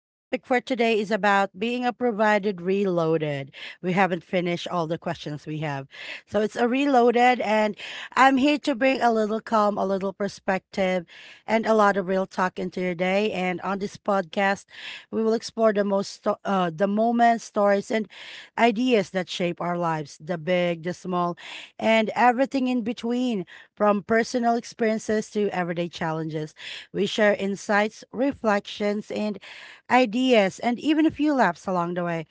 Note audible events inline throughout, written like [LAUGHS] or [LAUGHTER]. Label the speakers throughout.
Speaker 1: Our topic for today is about being a provided reloaded. We haven't finished all the questions we have. So it's a reloaded, and I'm here to bring a little calm, a little perspective, and a lot of real talk into your day. And on this podcast, we will explore the most, the moments, stories, and ideas that shape our lives, the big, the small, and everything in between. From personal experiences to everyday challenges, we share insights, reflections, and ideas, and even a few laughs along the way.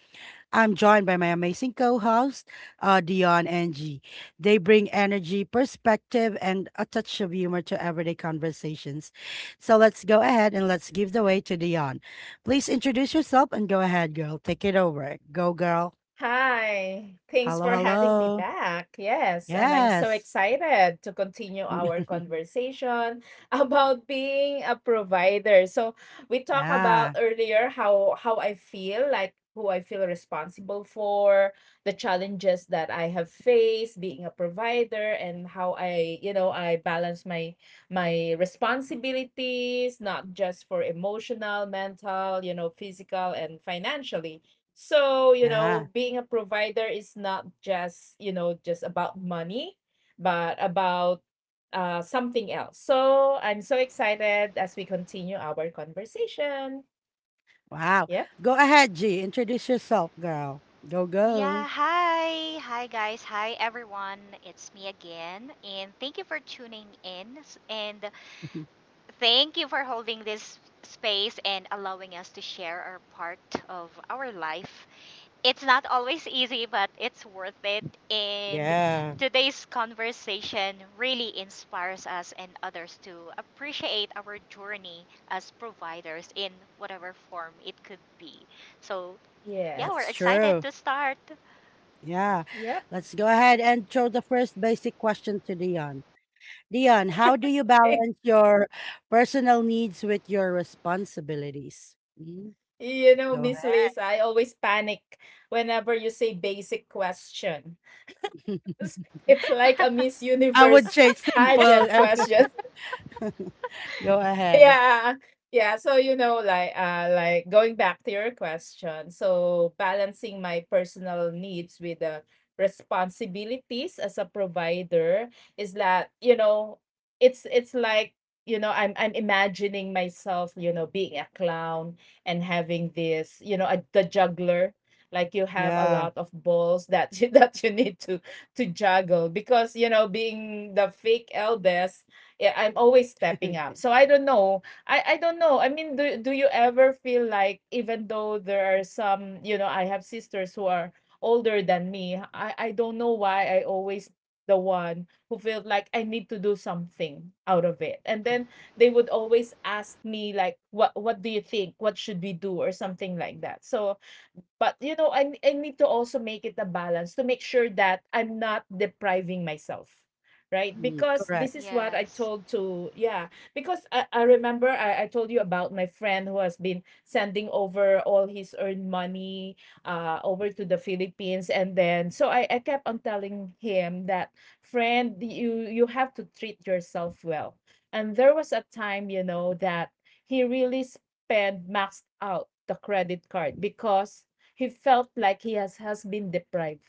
Speaker 1: I'm joined by my amazing co host, Dion and G. They bring energy, perspective, and a touch of humor to everyday conversations. So let's go ahead and let's give the way to Dion. Please introduce yourself and go ahead, girl. Take it over. Go, girl.
Speaker 2: Hi, thanks
Speaker 1: Hello,
Speaker 2: for having me
Speaker 1: hello.
Speaker 2: back. Yes, and I'm so
Speaker 1: Yes.
Speaker 2: excited to continue our
Speaker 1: [LAUGHS]
Speaker 2: conversation [LAUGHS] about being a provider. So we talked about
Speaker 1: Yeah.
Speaker 2: earlier how I feel, like who I feel responsible for, the challenges that I have faced being a provider, and how I, I balance my responsibilities, not just for emotional, mental, physical and financially. So,
Speaker 1: Yeah.
Speaker 2: being a provider is not just, just about money, but about something else. So I'm so excited as we continue our conversation.
Speaker 1: Wow.
Speaker 2: Yep.
Speaker 1: Go ahead, G. Introduce yourself, girl. Go, go.
Speaker 3: Yeah, hi. Hi, guys. Hi, everyone. It's me again. And thank you for tuning in. And
Speaker 1: [LAUGHS]
Speaker 3: thank you for holding this space and allowing us to share our part of our life. It's not always easy, but it's worth it. And
Speaker 1: Yeah,
Speaker 3: today's conversation really inspires us and others to appreciate our journey as providers in whatever form it could be. So, yeah, we're
Speaker 1: that's
Speaker 2: Yes.
Speaker 3: excited
Speaker 1: true.
Speaker 3: to start.
Speaker 1: Yeah.
Speaker 2: Yep. [LAUGHS]
Speaker 1: Let's go ahead and throw the first basic question to Dion. Dion, how do you
Speaker 2: Okay.
Speaker 1: balance your personal needs with your responsibilities? Mm.
Speaker 2: You know,
Speaker 1: Go
Speaker 2: Miss
Speaker 1: ahead.
Speaker 2: Liz, I always panic whenever you say basic question. [LAUGHS] It's like a Miss
Speaker 1: [LAUGHS] I would
Speaker 2: Universe
Speaker 1: say
Speaker 3: [LAUGHS]
Speaker 1: simple.
Speaker 2: pageant
Speaker 1: Okay.
Speaker 2: question.
Speaker 1: [LAUGHS] Go ahead.
Speaker 2: Yeah, yeah. So like going back to your question, so balancing my personal needs with the responsibilities as a provider is that, it's like, I'm imagining myself, being a clown and having this, the juggler. Like you have a
Speaker 1: Yeah.
Speaker 2: lot of balls that [LAUGHS] that you need to juggle because, being the fake eldest, yeah, I'm always stepping up. So
Speaker 1: [LAUGHS]
Speaker 2: I don't know. I don't know. I mean, do you ever feel like even though there are some, I have sisters who are older than me. I don't know why I always the one who felt like I need to do something out of it. And then they would always ask me like what do you think? What should we do or something like that. So but, I need to also make it a balance to make sure that I'm not depriving myself, right?
Speaker 1: Mm,
Speaker 2: Because
Speaker 1: correct.
Speaker 2: this is what I
Speaker 3: Yes.
Speaker 2: told to, yeah, because I remember I told you about my friend who has been sending over all his earned money over to the Philippines. And then, so I kept on telling him that, friend, you have to treat yourself well. And there was a time, that he really spent maxed out the credit card because he felt like he has been deprived.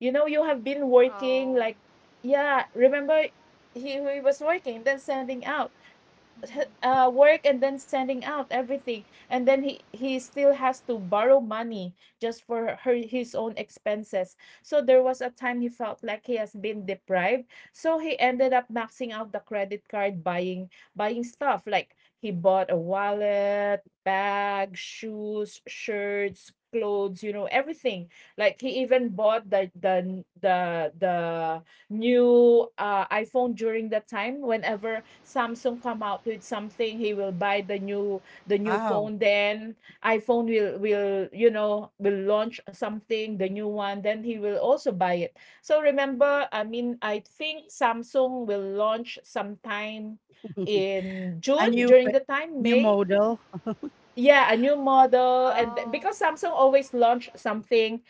Speaker 2: You know, you have been working
Speaker 3: Oh.
Speaker 2: like, yeah, remember he was working, then sending out
Speaker 3: Hmm.
Speaker 2: work and then sending out everything, and then he still has to borrow money just for her his own expenses. So there was a time he felt like he has been deprived, so he ended up maxing out the credit card, buying stuff. Like he bought a wallet, bag, shoes, shirts, clothes, you know, everything. Like he even bought the new iPhone during that time. Whenever Samsung come out with something, he will buy the new
Speaker 1: Wow.
Speaker 2: phone. Then iPhone will you know will launch something the new one. Then he will also buy it. So remember, I mean, I think Samsung will launch sometime in
Speaker 1: A
Speaker 2: June,
Speaker 1: new
Speaker 2: during the time
Speaker 1: new
Speaker 2: May.
Speaker 1: model.
Speaker 2: Yeah, a new model, and
Speaker 3: Oh.
Speaker 2: because Samsung always launch something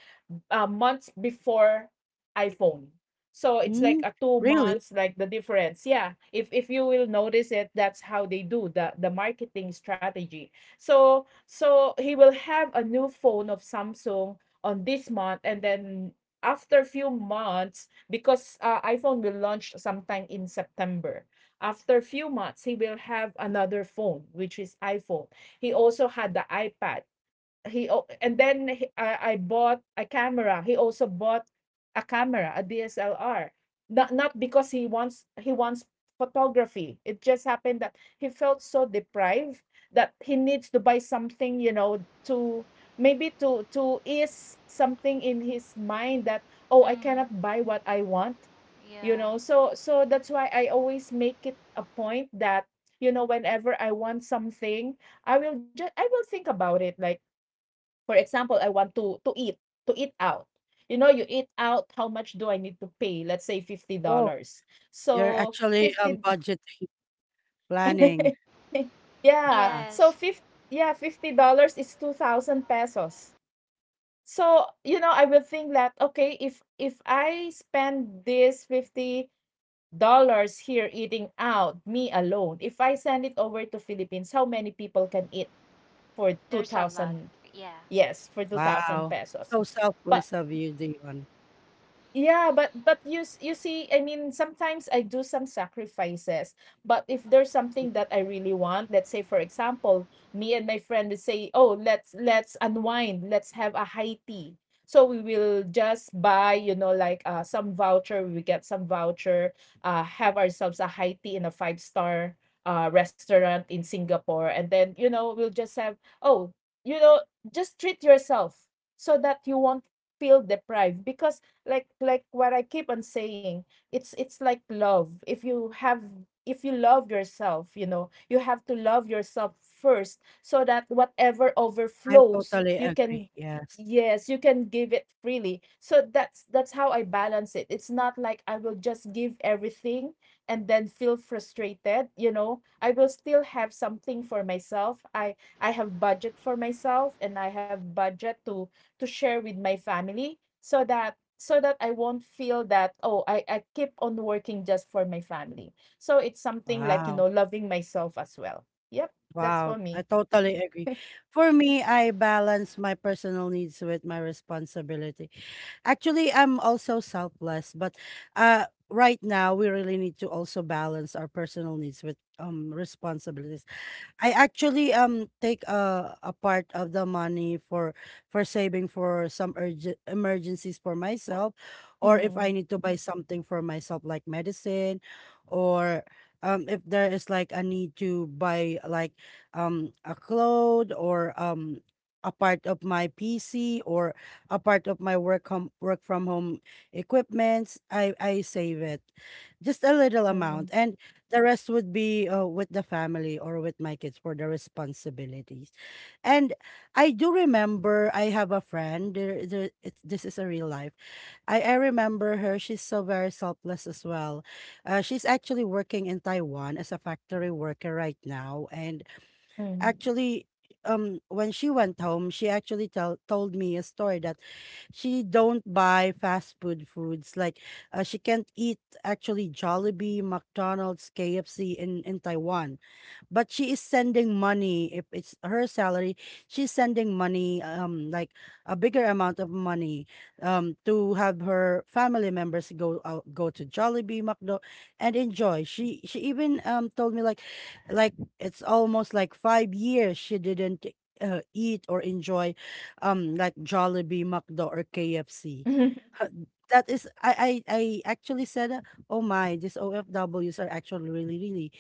Speaker 2: months before iPhone. So it's like
Speaker 1: Mm,
Speaker 2: a two
Speaker 1: really?
Speaker 2: months, like the difference. Yeah, if you will notice it, that's how they do the marketing strategy. So so he will have a new phone of Samsung on this month, and then after a few months, because iPhone will launch sometime in September. After a few months, he will have another phone, which is iPhone. He also had the iPad. He o- and then he- I bought a camera. He also bought a camera, a DSLR. Not because he wants photography. It just happened that he felt so deprived that he needs to buy something, you know, to maybe to ease something in his mind that, oh, I
Speaker 3: Hmm.
Speaker 2: cannot buy what I want, you
Speaker 3: Yeah.
Speaker 2: know. So so that's why I always make it a point that, you know, whenever I want something, I will think about it. Like for example, I want to eat, to eat out. You know, you eat out, how much do I need to pay? Let's say
Speaker 1: Oh.
Speaker 2: $50.
Speaker 1: You're
Speaker 2: So
Speaker 1: actually,
Speaker 2: 50,
Speaker 1: budgeting, planning.
Speaker 2: [LAUGHS] yeah,
Speaker 1: Ah!
Speaker 2: so
Speaker 3: Yes.
Speaker 2: 50, yeah, $50 is 2,000 pesos. So, you know, I will think that, okay, if I spend this $50 here eating out, me alone, if I send it over to Philippines, how many people can eat for
Speaker 3: There's a lot.
Speaker 2: 2,000?
Speaker 3: Yeah.
Speaker 2: Yes, for 2,000
Speaker 1: Wow.
Speaker 2: pesos.
Speaker 1: So
Speaker 2: But,
Speaker 1: selfless of you, Dion.
Speaker 2: yeah, but you you see, I mean, sometimes I do some sacrifices. But if there's something that I really want, let's say, for example, me and my friend would say, "Oh, let's unwind. Let's have a high tea." So we will just buy, you know, like some voucher. We get some voucher. Have ourselves a high tea in a five star restaurant in Singapore, and then, you know, we'll just have, oh, you know, just treat yourself so that you won't feel deprived because like what I keep on saying, it's like love. If you have, if you love yourself, you know, you have to love yourself first so that whatever
Speaker 1: I
Speaker 2: overflows,
Speaker 1: totally
Speaker 2: you can,
Speaker 1: agree. Yes.
Speaker 2: yes, you can give it freely. So that's how I balance it. It's not like I will just give everything and then feel frustrated, you know. I will still have something for myself. I have budget for myself, and I have budget to share with my family, so that I won't feel that, oh, I keep on working just for my family. So it's something like, you
Speaker 1: Wow.
Speaker 2: know, loving myself as well. Yep, that's
Speaker 1: Wow.
Speaker 2: for
Speaker 1: I
Speaker 2: me.
Speaker 1: totally agree.
Speaker 2: [LAUGHS]
Speaker 1: For me, I balance my personal needs with my responsibility. Actually, I'm also selfless, but right now we really need to also balance our personal needs with responsibility. I actually take a part of the money for saving for some urgent emergencies for myself, or if
Speaker 2: Mm,
Speaker 1: I need to buy something for myself like medicine, or if there is like a need to buy like a cloth or a part of my PC or a part of my work from home equipments. I save it, just a little
Speaker 2: mm,
Speaker 1: amount, and the rest would be with the family or with my kids for the responsibilities. And I do remember I have a friend. It's, this is a real life. I remember her. She's so very selfless as well. She's actually working in Taiwan as a factory worker right now, and
Speaker 2: mm.
Speaker 1: actually when she went home she actually told me a story that she don't buy fast food foods like, she can't eat actually Jollibee, McDonald's, KFC in Taiwan, but she is sending money. If it's her salary, she's sending money, like a bigger amount of money, to have her family members go out, go to Jollibee, McDo, and enjoy. She even told me like, like it's almost like 5 years she didn't eat or enjoy like Jollibee, McDo, or KFC.
Speaker 2: [LAUGHS]
Speaker 1: Uh, that is I actually said, oh my, these O F Ws are actually really really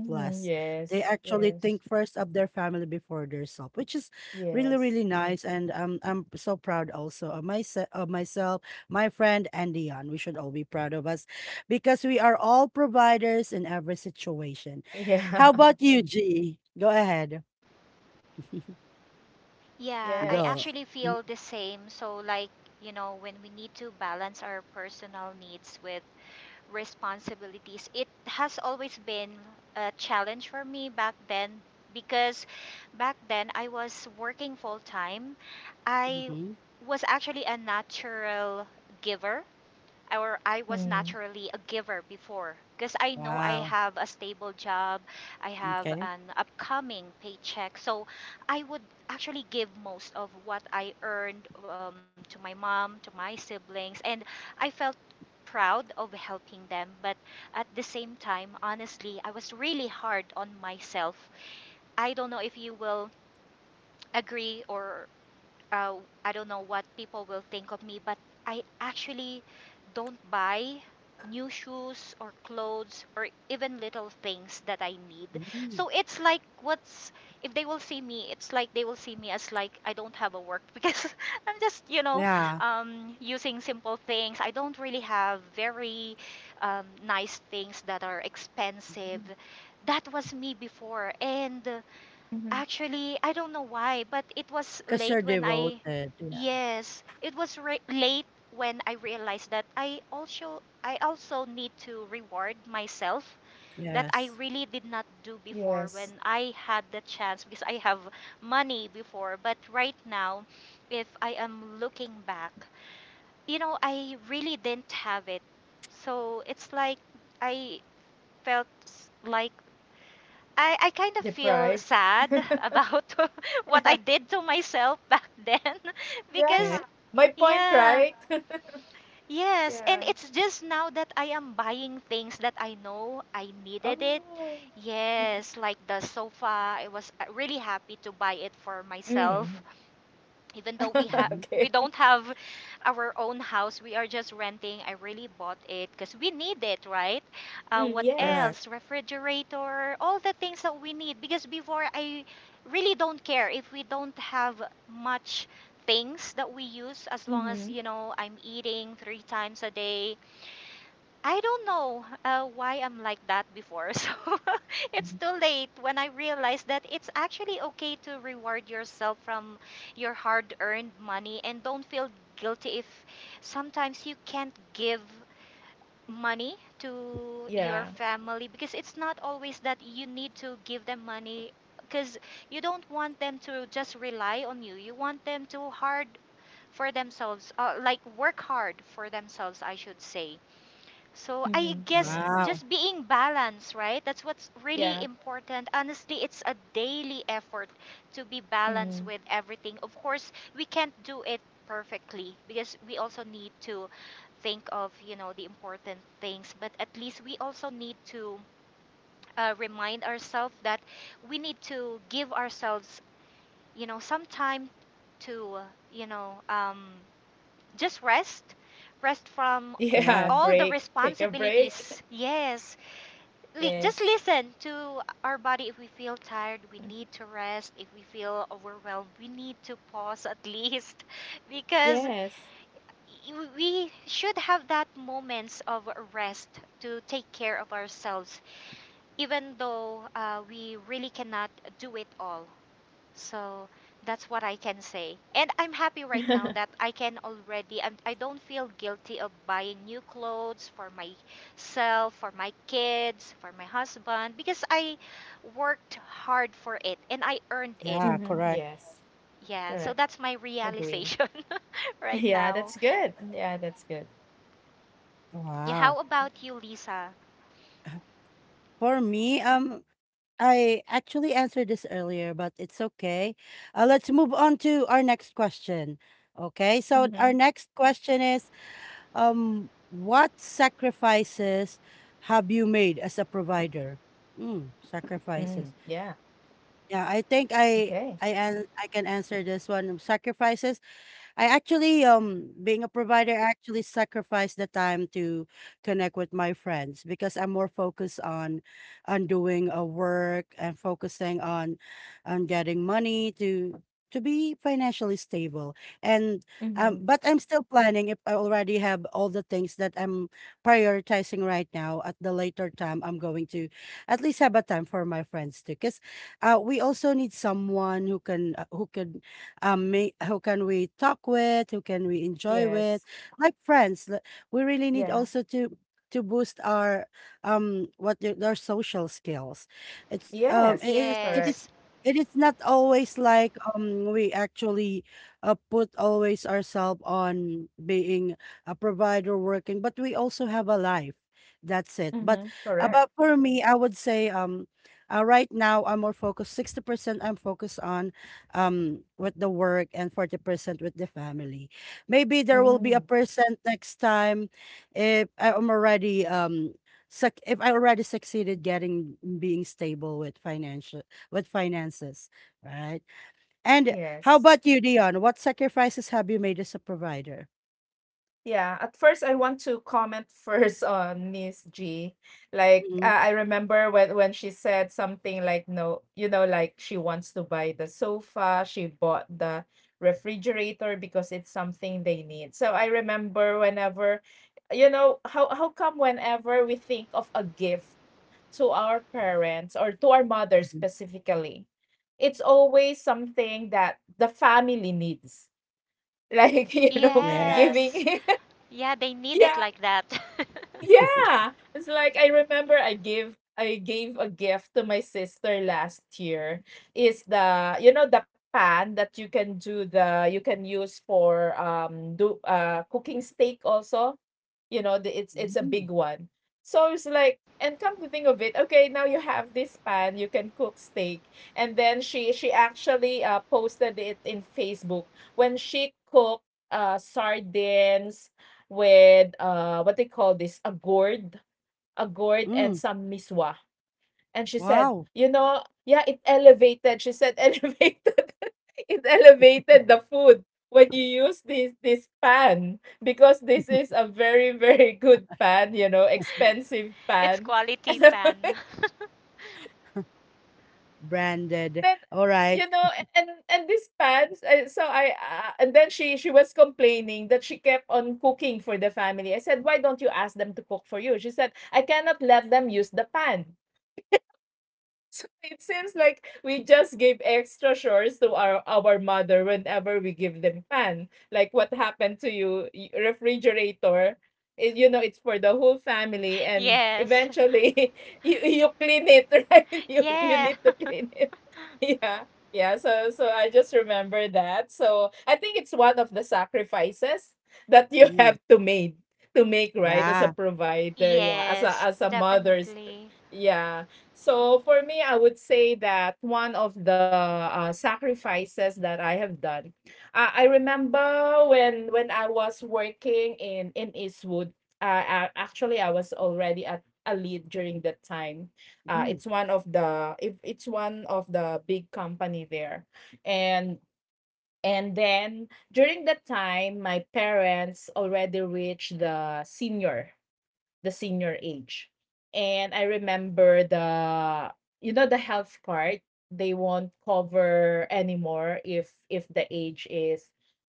Speaker 2: Mhm.
Speaker 1: They
Speaker 2: Yes,
Speaker 1: actually think
Speaker 2: yes,
Speaker 1: first of their family before their self, which is really really
Speaker 2: yes,
Speaker 1: nice. And I'm so proud also of myself, my friend, and Dion. We should all be proud of us, because we are all providers in every situation. How
Speaker 2: yeah,
Speaker 1: about you, G? Go ahead. [LAUGHS]
Speaker 2: [LAUGHS]
Speaker 3: Yeah. I
Speaker 1: Go.
Speaker 2: yes,
Speaker 3: actually
Speaker 1: Mhm.
Speaker 3: feel the same. So, like, you know, when we need to balance our personal needs with responsibilities, it has always been a challenge for me back then because back then I was working full time. I
Speaker 1: Mhm.
Speaker 3: was actually a natural giver, or I was
Speaker 2: mm,
Speaker 3: naturally a giver before, because I know I
Speaker 1: Wow.
Speaker 3: have a stable job, I have
Speaker 1: Okay.
Speaker 3: an upcoming paycheck. So I would actually give most of what I earned to my mom, to my siblings, and I felt proud of helping them, but at the same time, honestly, I was really hard on myself. I don't know if you will agree or uh, I don't know what people will think of me, but I actually don't buy new shoes or clothes or even little things that I need.
Speaker 1: Hmm.
Speaker 3: So it's like what's, if they will see me, it's like they will see me as like I don't have a work, [LAUGHS] because I'm just, you know,
Speaker 1: Yeah.
Speaker 3: using simple things. I don't really have very nice things that are expensive. That was me before, and
Speaker 2: mhm,
Speaker 3: actually, I don't know why, but it was
Speaker 1: Because
Speaker 3: late
Speaker 1: you're
Speaker 3: when I,
Speaker 1: devoted. Yeah.
Speaker 3: yes, it was late when I realized that I also, I also need to reward myself, that I
Speaker 1: Yes.
Speaker 3: really did not do before when
Speaker 2: yes,
Speaker 3: I had the chance, because I have money before, but right now, if I am looking back, you know, I really didn't have it. So it's like I felt like I kind of feel
Speaker 2: deprive.
Speaker 3: sad about [LAUGHS] what I
Speaker 2: [LAUGHS]
Speaker 3: did to myself back then, [LAUGHS]
Speaker 2: Yeah,
Speaker 1: Okay.
Speaker 3: because
Speaker 2: my point,
Speaker 3: yeah,
Speaker 2: right? [LAUGHS]
Speaker 3: yes, and
Speaker 2: Yeah.
Speaker 3: it's just now that I am buying things that I know I needed it.
Speaker 2: Oh.
Speaker 3: Yes, like the sofa, I was really happy to buy it for myself,
Speaker 2: Mm.
Speaker 3: even though we have,
Speaker 2: [LAUGHS]
Speaker 1: Hmm.
Speaker 3: we
Speaker 2: Okay.
Speaker 3: don't have our own house, we are just renting. I really bought it because we need it, right?
Speaker 2: Mm,
Speaker 3: What
Speaker 2: yes.
Speaker 1: Correct.
Speaker 3: else, refrigerator, all the things that we need, because before I really don't care if we don't have much things that we use, as long as,
Speaker 2: Mm-hmm.
Speaker 3: you know, I'm eating three times a day. I don't know why I'm like that before. [LAUGHS] So [LAUGHS] it's
Speaker 1: Mhm.
Speaker 3: too late when I realized that it's actually okay to reward yourself from your hard earned money and don't feel guilty if sometimes you can't give money to your
Speaker 2: Yeah.
Speaker 3: family, because it's not always that you need to give them money, because you don't want them to just rely on you. You want them to hard for themselves, like work hard for themselves, I should say. So I
Speaker 2: Mm-hmm.
Speaker 3: guess
Speaker 2: Yes.
Speaker 1: Wow.
Speaker 3: just being balanced, right? That's what's really
Speaker 2: Yeah.
Speaker 3: important. Honestly, it's a daily effort to be balanced
Speaker 2: Mm-hmm.
Speaker 3: with everything. Of course, we can't do it perfectly because we also need to think of, you know, the important things, but at least we also need to remind ourselves that we need to give ourselves, you know, some time to, you know, just rest, rest from
Speaker 2: Yeah. [LAUGHS]
Speaker 1: Yes.
Speaker 3: all the
Speaker 2: Break. Take a break. [LAUGHS]
Speaker 3: responsibilities. Yes,
Speaker 2: Yes.
Speaker 3: just listen to our body. If we feel tired, we
Speaker 2: Mm-hmm.
Speaker 3: need to rest. If we feel overwhelmed, we need to pause at least, [LAUGHS] because
Speaker 2: Yes.
Speaker 3: we should have that moments of rest to take care of ourselves, even though we really cannot do it all. So that's what I can say. And I'm happy right now
Speaker 2: [LAUGHS]
Speaker 3: that I can already, I do not feel guilty of buying new clothes for myself, for my kids, for my husband, because I worked hard for it and I earned it.
Speaker 1: Yeah.
Speaker 2: Mm-hmm.
Speaker 1: Correct.
Speaker 2: Yes.
Speaker 3: Yeah, so
Speaker 2: Correct.
Speaker 3: that's my
Speaker 2: Agree.
Speaker 3: realization [LAUGHS]
Speaker 2: [LAUGHS]
Speaker 3: right
Speaker 2: Yeah, that's
Speaker 3: now.
Speaker 2: good. Yeah, that's good.
Speaker 3: Yeah,
Speaker 1: Wow.
Speaker 3: how
Speaker 2: Yeah.
Speaker 3: about you, Lisa?
Speaker 1: [LAUGHS] For me, I actually answered this earlier, but it's okay. Let's move on to our next question. Okay, so our
Speaker 2: Mm-hmm.
Speaker 1: next question is, what sacrifices have you made as a provider? Mm,
Speaker 2: Mm,
Speaker 1: sacrifices.
Speaker 2: yeah.
Speaker 1: Yeah, I think
Speaker 2: Okay.
Speaker 1: I an I can answer this one. Sacrifices. I actually being a provider I actually sacrifice the time to connect with my friends because I'm more focused on doing a work and focusing on getting money to be financially stable, and
Speaker 2: Mm-hmm.
Speaker 1: but I'm still planning. If I already have all the things that I'm prioritizing right now, at the later time I'm going to at least have a time for my friends too, because we also need someone who can, who can we talk with, who can we enjoy with
Speaker 2: Yes.
Speaker 1: like friends. We really need
Speaker 2: Yeah.
Speaker 1: also to boost our their social skills.
Speaker 2: Yes.
Speaker 1: It
Speaker 2: Correct.
Speaker 3: Yes,
Speaker 1: is It is not always like, we actually put always ourselves on being a provider working, but we also have a life. That's it. But
Speaker 2: Mm-hmm. Correct.
Speaker 1: about for me, I would say right now I'm more focused, 60% I'm focused on with the work, and 40% with the family. Maybe there will be a
Speaker 2: Mm,
Speaker 1: percent next time if I am already if I already succeeded getting being stable with financial, with finances, right? And how
Speaker 2: yes.
Speaker 1: about you, Dion? What sacrifices have you made as a provider?
Speaker 2: Yeah, at first I want to comment [LAUGHS] first on Miss G. Like
Speaker 1: Mhm.
Speaker 2: I remember when she said something like no, you know, like she wants to buy the sofa, she bought the refrigerator because it's something they need. So I remember whenever, you know, how come whenever we think of a gift to our parents or to our mother
Speaker 1: Mhm.
Speaker 2: specifically, it's always something that the family needs, like [LAUGHS] you know,
Speaker 1: Yes.
Speaker 3: yes.
Speaker 2: giving
Speaker 3: Yeah, they need it
Speaker 2: [LAUGHS] yeah,
Speaker 3: like that.
Speaker 2: yeah, it's like I remember I gave a gift to my sister last year. Is the you know the pan that you can use for do cooking steak also. You know, the, it's a big
Speaker 1: Mm.
Speaker 2: one. So it's like, and come to think of it, okay, now you have this pan, you can cook steak. And then she actually posted it in Facebook when she cooked sardines with what they call this a gourd and
Speaker 1: Mm.
Speaker 2: some miswa. And she said,
Speaker 1: Wow.
Speaker 2: you know, yeah, it elevated. She said [LAUGHS] elevated. It elevated the food when you use this pan because this is
Speaker 1: [LAUGHS]
Speaker 2: a very good pan, you know, expensive
Speaker 3: [LAUGHS] it's
Speaker 2: pan. [LAUGHS]
Speaker 3: quality
Speaker 2: And
Speaker 3: pan.
Speaker 1: Branded.
Speaker 2: then,
Speaker 1: All right.
Speaker 2: you know, and this pants, I so I, ah and then she was complaining that she kept on cooking for the family. I said, "Why don't you ask them to cook for you?" She said, "I cannot let them use the pan." So it seems like we just give extra chores to our mother whenever we give them pan. Like what happened to you, refrigerator. It, you know, it's for the whole family,
Speaker 3: [LAUGHS]
Speaker 2: and
Speaker 3: yes.
Speaker 2: eventually [LAUGHS] you clean it, [LAUGHS] right? You
Speaker 3: Yeah.
Speaker 2: need to
Speaker 3: [LAUGHS]
Speaker 2: clean it. [LAUGHS] Yeah. Yeah, so so I just remember that. So I think it's one of the sacrifices that you [LAUGHS]
Speaker 1: Mm.
Speaker 2: have to make, right? As a
Speaker 1: Yeah.
Speaker 2: provider, yeah,
Speaker 3: yes,
Speaker 2: as a mother's,
Speaker 3: definitely.
Speaker 2: yeah. So for me, I would say that one of the sacrifices that I have done, I remember when I was working in Eastwood. Actually, I was already at a lead during that time.
Speaker 1: Mm.
Speaker 2: It's one of the if it's one of the big company there, and then during that time, my parents already reached the senior, the senior age. And I remember the, you know, the health card, they won't cover anymore if the age is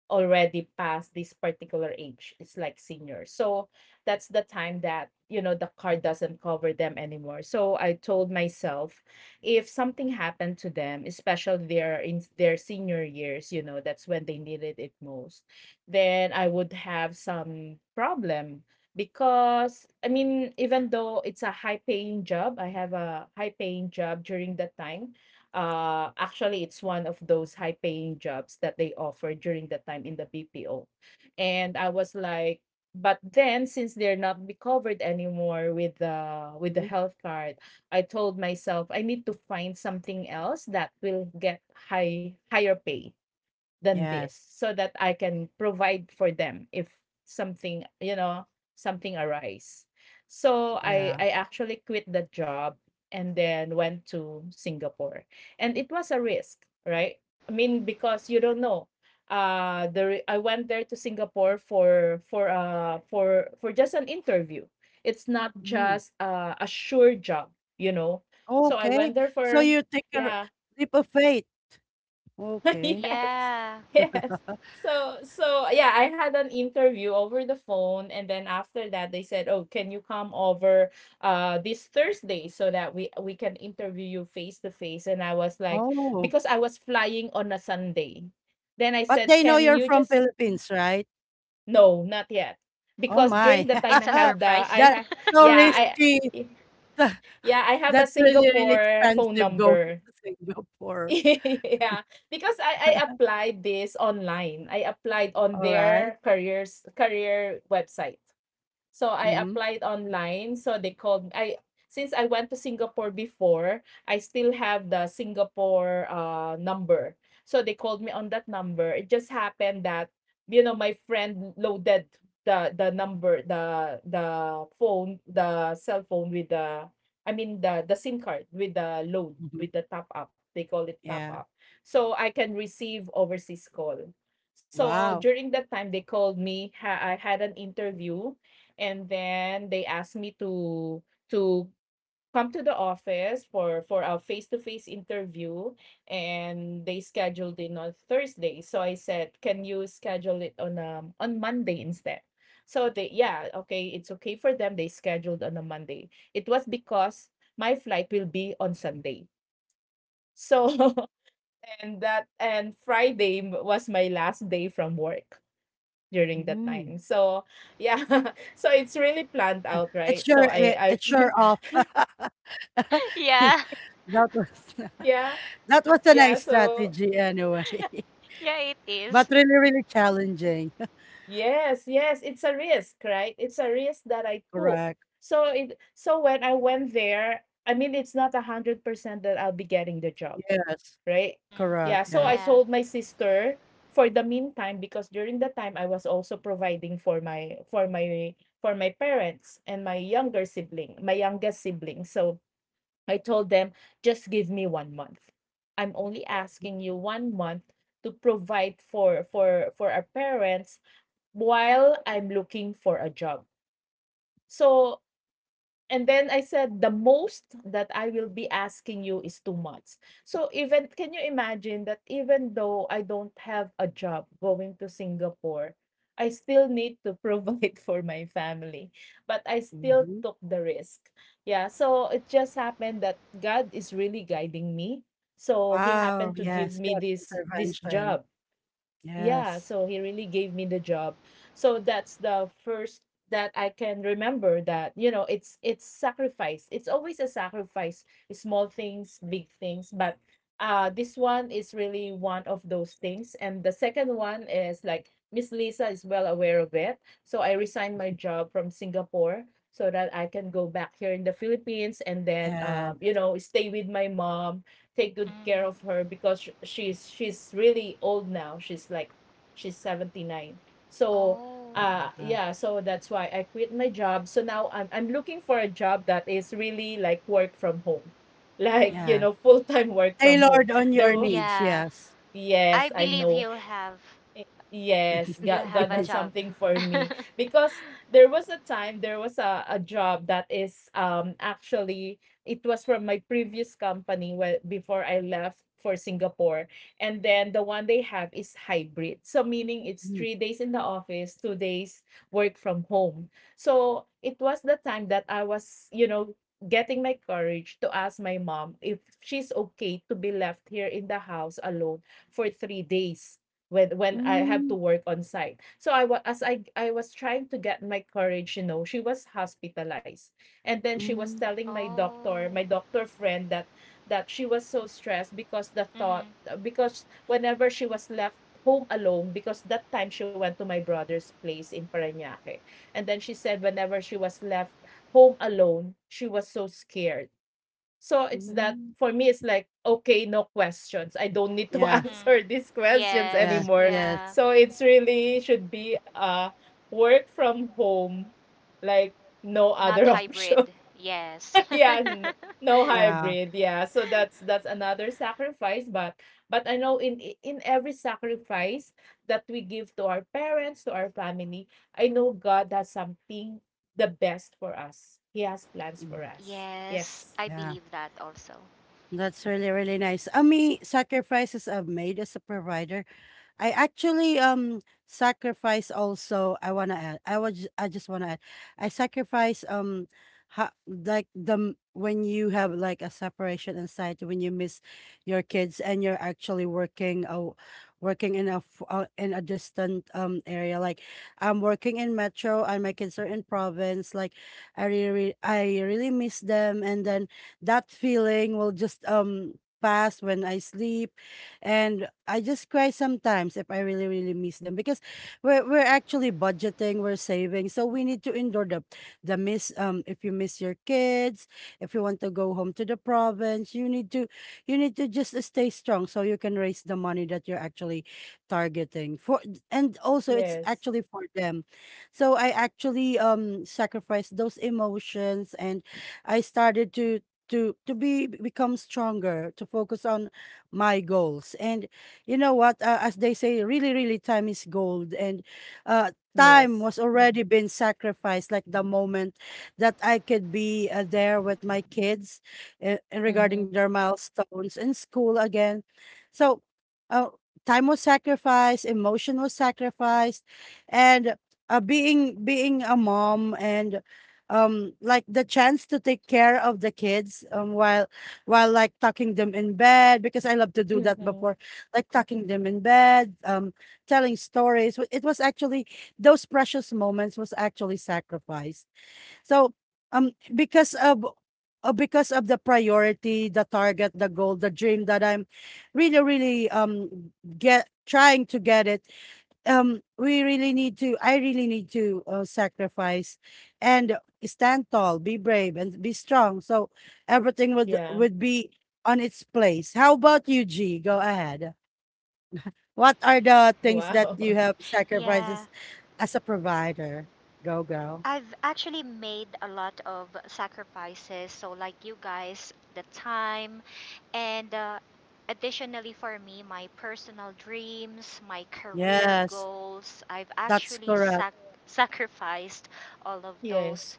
Speaker 2: already past this particular age. It's like senior. So that's the time that, you know, the card doesn't cover them anymore. So I told myself if something happened to them, especially their in their senior years, you know, that's when they needed it most. Then I would have some problem because I mean, even though it's a high paying job, I have a high paying job during that time. Actually, it's one of those high paying jobs that they offer during that time in the BPO. And I was like, but then since they're not be covered anymore with the
Speaker 1: Mm.
Speaker 2: health card, I told myself I need to find something else that will get higher pay than this
Speaker 1: Yes.
Speaker 2: so that I can provide for them if something, you know, something arise. So I
Speaker 1: Yeah.
Speaker 2: I actually quit the job and then went to Singapore. And it was a risk, right? I mean because you don't know. I went there to Singapore for just an interview. It's not
Speaker 1: Mm-hmm.
Speaker 2: just a sure job, you know. So I went
Speaker 1: Okay,
Speaker 2: there
Speaker 1: so
Speaker 2: for,
Speaker 1: you take a
Speaker 2: yeah.
Speaker 1: leap of faith.
Speaker 2: [LAUGHS]
Speaker 1: Okay.
Speaker 2: Yes,
Speaker 3: Yeah.
Speaker 2: yes. So yeah, I had an interview over the phone, and then after that, they said, "Oh, can you come over this Thursday so that we can interview you face to face?" And I was like,
Speaker 1: Oh,
Speaker 2: because I was flying on a Sunday. Then I
Speaker 1: but
Speaker 2: said,
Speaker 1: they know
Speaker 2: "Can
Speaker 1: you're
Speaker 2: you
Speaker 1: from
Speaker 2: just
Speaker 1: Philippines, right?
Speaker 2: no, not yet."
Speaker 1: Oh
Speaker 2: Because during
Speaker 1: my.
Speaker 2: the time I
Speaker 3: It's a
Speaker 1: [LAUGHS]
Speaker 2: have the
Speaker 3: surprise.
Speaker 2: I
Speaker 1: That's
Speaker 2: have
Speaker 1: so
Speaker 2: yeah, I
Speaker 1: risky. [LAUGHS]
Speaker 2: yeah, I have a
Speaker 1: That's really, really
Speaker 2: Singapore phone
Speaker 1: expensive going
Speaker 2: number.
Speaker 1: [LAUGHS] to Singapore.
Speaker 2: [LAUGHS] Yeah, because I
Speaker 1: [LAUGHS]
Speaker 2: applied this online. I applied on
Speaker 1: All right.
Speaker 2: their career website. So I
Speaker 1: Mm-hmm.
Speaker 2: applied online. So they called, I since I went to Singapore before, I still have the Singapore number. So they called me on that number. It just happened that you know my friend loaded the number the phone, the cell phone with the, I mean the SIM card with the load
Speaker 1: Mm-hmm.
Speaker 2: with the top up. They call it top up.
Speaker 1: Yeah.
Speaker 2: So I can receive overseas call. So
Speaker 1: Wow.
Speaker 2: during that time they called me. I had an interview and then they asked me to come to the office for a face-to-face interview, and they scheduled it on Thursday, so I said, can you schedule it on Monday instead? So they, yeah, okay, it's okay for them, they scheduled on a Monday. It was because my flight will be on Sunday. So [LAUGHS] and that, and Friday was my last day from work during that
Speaker 1: Mm.
Speaker 2: time. So yeah, [LAUGHS] so it's really planned out,
Speaker 1: It's
Speaker 2: right?
Speaker 1: your
Speaker 2: So I, I've
Speaker 1: it's your
Speaker 2: [LAUGHS]
Speaker 1: off. [LAUGHS]
Speaker 3: [LAUGHS]
Speaker 1: You-
Speaker 3: yeah.
Speaker 1: that was
Speaker 2: yeah,
Speaker 1: [LAUGHS] that was a
Speaker 2: yeah,
Speaker 1: nice
Speaker 2: so
Speaker 1: strategy anyway,
Speaker 3: Yeah, it
Speaker 1: [LAUGHS] but
Speaker 3: is.
Speaker 1: really really challenging.
Speaker 2: yes, yes, it's a risk, right? It's a risk that I took.
Speaker 1: Correct.
Speaker 2: So it, so when I went there, I mean it's not 100% that I'll be getting the job,
Speaker 1: Yes.
Speaker 2: right?
Speaker 3: Mm.
Speaker 1: Correct.
Speaker 2: Yeah, so I
Speaker 1: Yes.
Speaker 3: Yeah.
Speaker 2: told my sister for the meantime, because during the time I was also providing for my parents and my younger sibling, my youngest sibling. So I told them, just give me 1 month. I'm only asking you 1 month to provide for our parents while I'm looking for a job. So and then I said, the most that I will be asking you is 2 months. So even, can you imagine that even though I don't have a job going to Singapore, I still need to provide [LAUGHS] for my family. But I still
Speaker 1: Mhm.
Speaker 2: took the risk. Yeah. So it just happened that God is really guiding me. So he
Speaker 1: Wow.
Speaker 2: happened to give
Speaker 1: Yes.
Speaker 2: me
Speaker 1: God's
Speaker 2: this job.
Speaker 1: intervention.
Speaker 2: Yeah,
Speaker 1: Yes.
Speaker 2: so he really gave me the job. So that's the first that I can remember that, you know, it's sacrifice. It's always a sacrifice, small things, big things, but this one is really one of those things. And the second one is like Miss Lisa is well aware of it. So I resigned my job from Singapore so that I can go back here in the Philippines and then
Speaker 1: Yeah.
Speaker 2: you know, stay with my mom, take good
Speaker 3: Mm.
Speaker 2: care of her because she's really old now. She's like she's 79. So
Speaker 3: Oh.
Speaker 1: Yeah.
Speaker 2: yeah, so that's why I quit my job. So now I'm looking for a job that is really like work from home. [LAUGHS] Like,
Speaker 3: Hmm.
Speaker 2: you
Speaker 1: Yeah.
Speaker 2: know, full-time work from home.
Speaker 1: Tailored on
Speaker 2: There
Speaker 1: your
Speaker 2: will,
Speaker 1: needs.
Speaker 3: Yeah.
Speaker 1: Yes.
Speaker 2: yes,
Speaker 3: I
Speaker 2: I
Speaker 3: believe
Speaker 2: know.
Speaker 3: you'll have
Speaker 2: Eh, Yes,
Speaker 3: You'll have
Speaker 2: God
Speaker 3: a
Speaker 1: [LAUGHS]
Speaker 2: has
Speaker 3: job.
Speaker 2: something for me
Speaker 3: [LAUGHS]
Speaker 2: because there was a time, there was a job that is actually it was from my previous company when before I left for Singapore, and then the one they have is hybrid, so meaning it's
Speaker 1: Mm.
Speaker 2: 3 days in the office, 2 days work from home. So it was the time that I was, you know, getting my courage to ask my mom if she's okay to be left here in the house alone for 3 days when I have
Speaker 1: Mm.
Speaker 2: to work on site. So I was, as I was trying to get my courage, you know, she was hospitalized. And then she was
Speaker 1: Mm.
Speaker 2: telling
Speaker 3: oh.
Speaker 2: my doctor friend that she was so stressed because the thought,
Speaker 3: Mhm.
Speaker 2: because whenever she was left home alone, because that time she went to my brother's place in Parañaque. And then she said whenever she was left home alone, she was so scared. So it's that,
Speaker 1: Mm.
Speaker 2: for me it's like, okay, no questions. I don't need to [LAUGHS]
Speaker 1: Yeah.
Speaker 3: Mhm.
Speaker 2: answer these questions
Speaker 1: Yeah.
Speaker 3: Yes.
Speaker 2: anymore.
Speaker 1: Yes.
Speaker 3: Yeah.
Speaker 2: So it's really should be work from home, like no
Speaker 3: Not
Speaker 2: other [LAUGHS]
Speaker 3: hybrid.
Speaker 2: option.
Speaker 3: Yes.
Speaker 2: yeah, n- no
Speaker 1: Yeah.
Speaker 2: hybrid. Yeah. So
Speaker 3: [LAUGHS]
Speaker 2: that's another sacrifice, but I know in in every sacrifice that we give to our parents, to our family, I know God has something the best for us. He has plans
Speaker 1: Mm.
Speaker 2: for us.
Speaker 3: Yes,
Speaker 2: Yes.
Speaker 3: I
Speaker 1: Yeah.
Speaker 3: believe that also.
Speaker 1: That's really, really nice. How many sacrifices I've made as a provider. I actually sacrifice also I want to add I was I just want to add I sacrifice like when you have like a separation anxiety, when you miss your kids and you're actually working, working in a in a distant area. Like, I'm working in metro and my kids are in province. I really miss them, and then that feeling will just pass when I sleep, and I just cry sometimes if I really really miss them, because we're actually budgeting, we're saving, so we need to endure the miss. If you miss your kids, if you want to go home to the province, you need to, just stay strong so you can raise the money that you're actually targeting for, and also it's
Speaker 2: Yes.
Speaker 1: actually for them. So I actually sacrificed those emotions, and I started to be become stronger to focus on my goals. And you know what? As they say, really, really, time is gold. And time
Speaker 2: Yes.
Speaker 1: was already been sacrificed, like the moment that I could be there with my kids, and
Speaker 2: Mhm.
Speaker 1: regarding their milestones in school again. So, uh, time was sacrificed, emotion was sacrificed, and being a mom, and like the chance to take care of the kids while like tucking them in bed, because I love to do that
Speaker 2: Mhm.
Speaker 1: before, like tucking them in bed, telling stories. It was actually those precious moments was actually sacrificed. So because of, because of the priority, the target, the goal, the dream that I'm really, really get trying to get it, we really need to, I really need to, sacrifice and stand tall, be brave and be strong, so everything
Speaker 2: Yeah.
Speaker 1: would be on its place. How about you, G? Go ahead. What are the things that
Speaker 2: Wow.
Speaker 1: you
Speaker 2: [LAUGHS]
Speaker 1: have
Speaker 3: Yeah,
Speaker 1: sacrifices as a provider? Go, girl.
Speaker 3: I've actually made a lot of sacrifices. So, like you guys, the time, and additionally for me, my personal dreams, my career
Speaker 1: Yes,
Speaker 3: goals, I've
Speaker 1: that's
Speaker 3: actually
Speaker 1: correct.
Speaker 3: sacrificed all of
Speaker 2: Yes.
Speaker 3: those.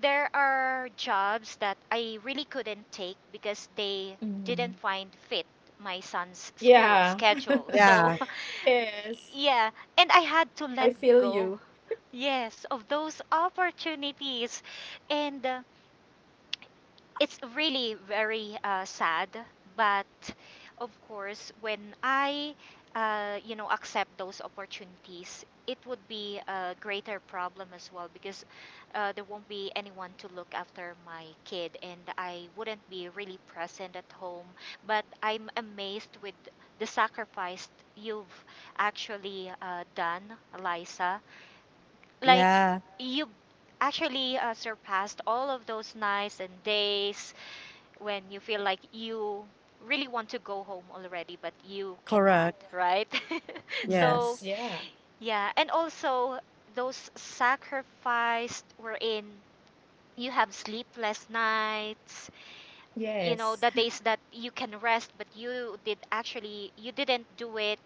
Speaker 3: There are jobs that I really couldn't take because they didn't
Speaker 2: Mhm.
Speaker 3: find fit my son's school
Speaker 2: Yeah. [LAUGHS]
Speaker 3: schedule. [LAUGHS] So,
Speaker 1: Yeah.
Speaker 2: Yes.
Speaker 3: yeah, and I had to
Speaker 2: I
Speaker 3: let
Speaker 2: feel
Speaker 3: go.
Speaker 2: you.
Speaker 3: Yes, of those opportunities. And it's really very sad, but of course when I you know, accept those opportunities, it would be a greater problem as well, because there won't be anyone to look after my kid and I wouldn't be really present at home. But I'm amazed with the sacrifice you've actually done, Eliza. Like,
Speaker 1: Yeah.
Speaker 3: you actually surpassed all of those nights and days when you feel like you really want to go home already but you cannot,
Speaker 1: Correct.
Speaker 3: right? [LAUGHS]
Speaker 2: Mhm.
Speaker 3: so
Speaker 1: Yes.
Speaker 2: Yeah.
Speaker 3: yeah, and also those sacrificed wherein you have sleepless nights, you
Speaker 2: Yes.
Speaker 3: know, the days that you can rest but you did actually, you didn't do it,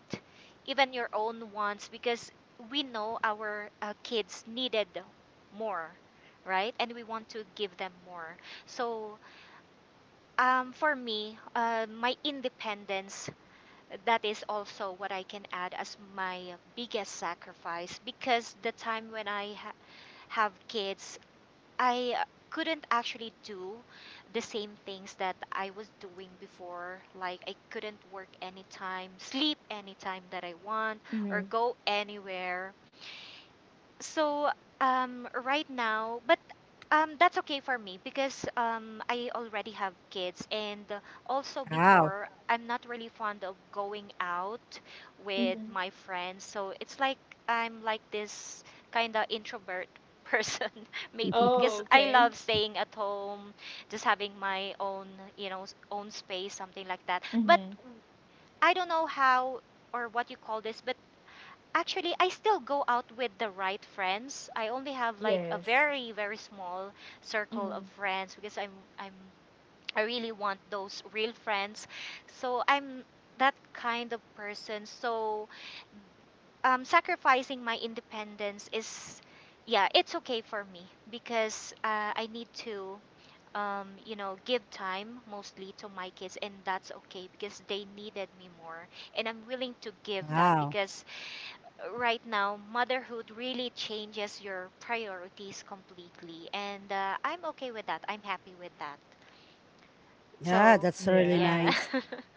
Speaker 3: even your own wants, because we know our kids needed more, right? And we want to give them more. So for me, my independence, that is also what I can add as my biggest sacrifice, because the time when I have kids, I couldn't actually do the same things that I was doing before. Like, I couldn't work anytime, sleep anytime that I want, or
Speaker 2: Mhm.
Speaker 3: go anywhere. So right now, but that's okay for me because I already have kids, and also
Speaker 1: Wow.
Speaker 3: before I'm not really fond of going out with
Speaker 2: Mhm.
Speaker 3: my friends. So it's like I'm like this kind of introvert [LAUGHS] person, maybe
Speaker 1: [LAUGHS]
Speaker 3: because
Speaker 2: Oh,
Speaker 3: I love
Speaker 2: okay.
Speaker 3: staying at home, just having my own, you know, own space, something like that. But
Speaker 2: Mhm.
Speaker 3: I don't know how or what you call this, but actually, I still go out with the right friends. I only have like a
Speaker 2: Yes.
Speaker 3: very, very small circle of
Speaker 2: Mhm.
Speaker 3: friends because I'm I really want those real friends. So I'm that kind of person. So sacrificing my independence is, yeah, it's okay for me because I need to, you know, give time mostly to my kids, and that's okay because they needed me more, and I'm willing to give that
Speaker 1: Wow.
Speaker 3: because right now, motherhood really changes your priorities completely. And I'm okay with that. I'm happy with that.
Speaker 1: Yeah,
Speaker 3: So,
Speaker 1: that's really
Speaker 3: yeah.
Speaker 2: Yeah.
Speaker 1: nice.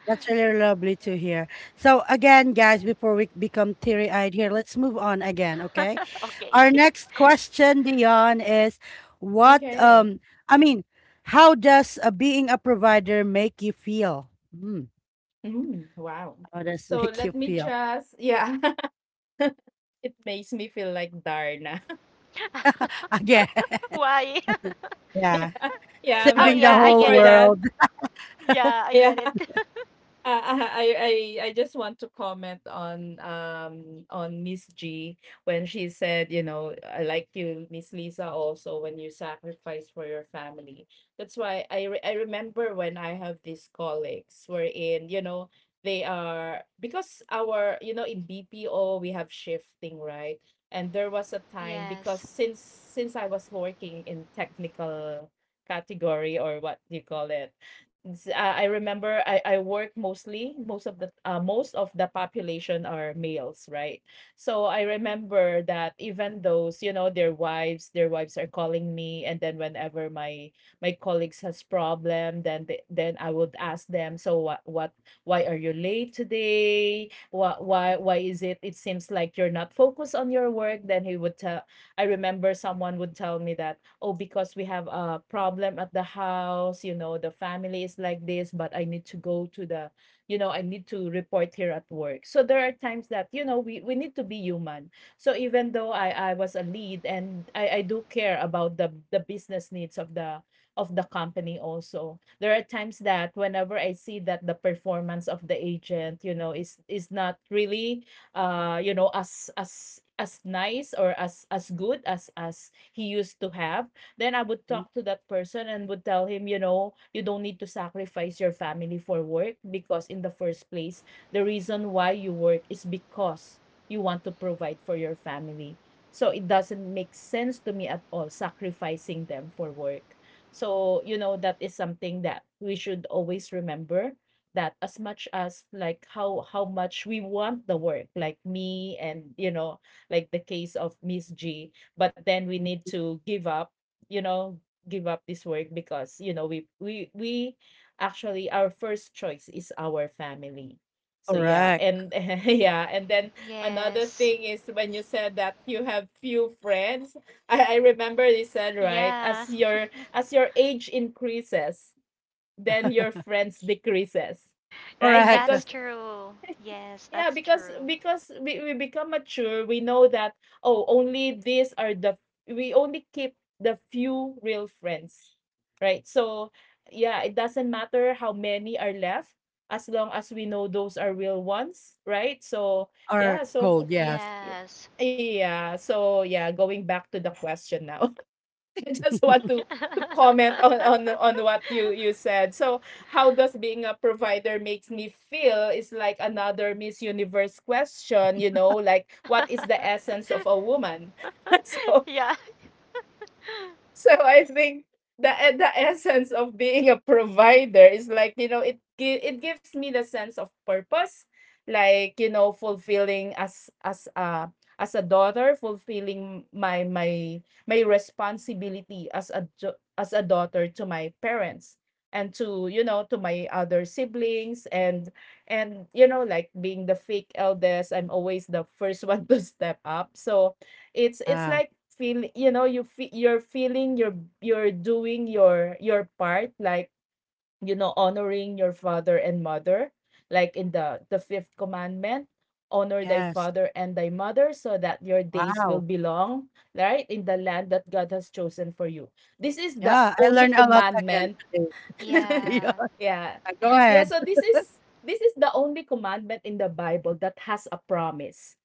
Speaker 1: That's really lovely to hear. So again, guys, before we become teary-eyed here, let's move on again,
Speaker 3: [LAUGHS]
Speaker 1: okay?
Speaker 3: okay.
Speaker 1: Our next question, Dion, is what
Speaker 2: Okay.
Speaker 1: I mean, how does being a provider make you feel? Mm,
Speaker 2: Mm. Wow.
Speaker 1: how does [LAUGHS]
Speaker 2: So
Speaker 1: make you
Speaker 2: let me
Speaker 1: feel?
Speaker 2: just, yeah. [LAUGHS] It makes me feel like Darna. [LAUGHS]
Speaker 1: Again,
Speaker 3: [LAUGHS]
Speaker 1: [LAUGHS]
Speaker 3: Why?
Speaker 1: yeah,
Speaker 2: Yeah,
Speaker 3: [LAUGHS] oh,
Speaker 1: saving the
Speaker 3: yeah,
Speaker 2: but
Speaker 3: I
Speaker 1: whole
Speaker 3: get
Speaker 2: before
Speaker 3: it.
Speaker 2: that,
Speaker 1: world.
Speaker 2: [LAUGHS]
Speaker 1: [LAUGHS]
Speaker 3: Yeah, I get
Speaker 2: yeah.
Speaker 3: it.
Speaker 2: Ah, ah, I I just want to comment on Miss G when she said, you know, I like you, Miss Lisa, also when you sacrifice for your family. That's why I remember when I have these colleagues wherein, you know, they are because our, you know, in BPO we have shifting, right? And there was a
Speaker 3: [LAUGHS]
Speaker 2: time
Speaker 3: yes.
Speaker 2: because since I was working in technical category or what do you call it? Z- I remember I work mostly, most of the population are males, right? So I remember that even those, you know, their wives are calling me, and then whenever my colleagues has problem, then then I would ask them, so what why are you late today? Why is it, it seems like you're not focused on your work? Then he would tell, I remember someone would tell me that, oh, because we have a problem at the house, you know, the family is like this, but I need to go to the, you know, I need to report here at work. So there are times that, you know, we need to be human. So even though I was a lead and I do care about the business needs of the company also, there are times that whenever I see that the performance of the agent, you know, is not really you know, as as nice or as good as he used to have, then I would talk to that person and would tell him, you know, you don't need to sacrifice your family for work because in the first place, the reason why you work is because you want to provide for your family. So it doesn't make sense to me at all sacrificing them for work. So, you know, that is something that we should always remember, that as much as like how much we want the work, like me, and you know, like the case of Miss G, but then we need to give up, you know, give up this work because, you know, we actually, our first choice is our family. So yeah,
Speaker 1: Correct.
Speaker 2: and [LAUGHS] yeah, and then another
Speaker 3: Yes.
Speaker 2: thing is when you said that you have few friends, I remember you said, right,
Speaker 3: Yeah.
Speaker 2: as your age increases, then your
Speaker 1: [LAUGHS]
Speaker 2: friends decreases, right?
Speaker 1: Correct.
Speaker 3: That's
Speaker 2: Because
Speaker 3: true. Yes,
Speaker 2: yeah,
Speaker 3: that's
Speaker 2: because
Speaker 3: true.
Speaker 2: we become mature, we know that, oh, only these are the, we only keep the few real friends, right? So yeah, it doesn't matter how many are left, as long as we know those are real ones, right? So
Speaker 1: Or
Speaker 2: yeah, so
Speaker 1: cold,
Speaker 2: for,
Speaker 1: yes.
Speaker 2: yeah,
Speaker 3: Yes.
Speaker 2: yeah, so yeah, going back to the question now, [LAUGHS] I just want to comment [LAUGHS] on what you
Speaker 3: [LAUGHS]
Speaker 2: said. So, how does being a provider makes me feel is like another Miss Universe question, you know, like what is the essence of
Speaker 3: [LAUGHS]
Speaker 2: a woman? [LAUGHS] so,
Speaker 3: Yeah.
Speaker 2: so I think the essence of being a provider is, like, you know, it gives me the sense of purpose, like, you know, fulfilling as a as a daughter, fulfilling my responsibility as a daughter to my parents and to, you know, to my other siblings and, you know, like being the fake eldest, I'm always the first [LAUGHS] one to step up. So it's
Speaker 1: Ah,
Speaker 2: like feel you know, you're feeling you're doing your part, like, you know, honoring your father and mother, like in the fifth commandment, honor thy
Speaker 1: yes.
Speaker 2: father and thy mother so that your days will
Speaker 1: Wow.
Speaker 2: be long, right? In the land that God has chosen for you. This is the
Speaker 1: Yeah, I
Speaker 2: only
Speaker 1: learned a lot again
Speaker 2: commandment.
Speaker 1: today. [LAUGHS]
Speaker 2: [LAUGHS]
Speaker 1: Yeah,
Speaker 3: Yeah.
Speaker 2: yeah.
Speaker 1: go
Speaker 2: Yeah,
Speaker 1: ahead.
Speaker 2: so this is the only commandment in the Bible that has a promise.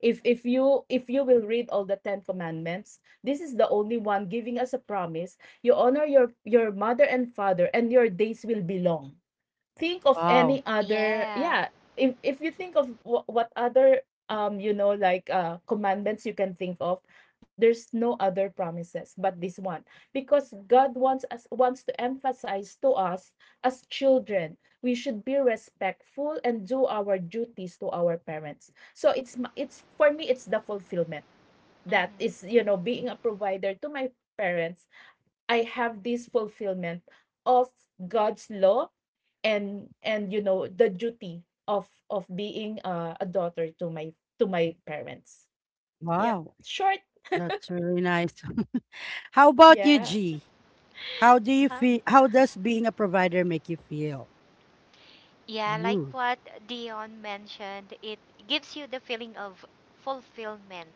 Speaker 2: If you if you will read all the 10 commandments, this is the only one giving us a promise. You honor your mother and father and your days will be long. Think of
Speaker 1: Wow.
Speaker 2: any other,
Speaker 3: Yeah.
Speaker 2: yeah, if you think of what other, you know, like, commandments you can think of, there's no other promises but this one. Because God wants to emphasize to us as children, we should be respectful and do our duties to our parents. So it's ma- it's for me, it's the fulfillment that is,
Speaker 3: Hmm.
Speaker 2: you know, being a provider to my parents. I have this fulfillment of God's law and, you know, the duty of being a daughter to my parents. Yep.
Speaker 1: Wow.
Speaker 2: Short.
Speaker 1: That's really nice. [LAUGHS] How about you,
Speaker 2: Yeah.
Speaker 1: G? How do you
Speaker 3: Huh?
Speaker 1: feel? How does being a provider make you feel?
Speaker 3: Yeah, like
Speaker 1: Ooh,
Speaker 3: what Dion mentioned, it gives you the feeling of fulfillment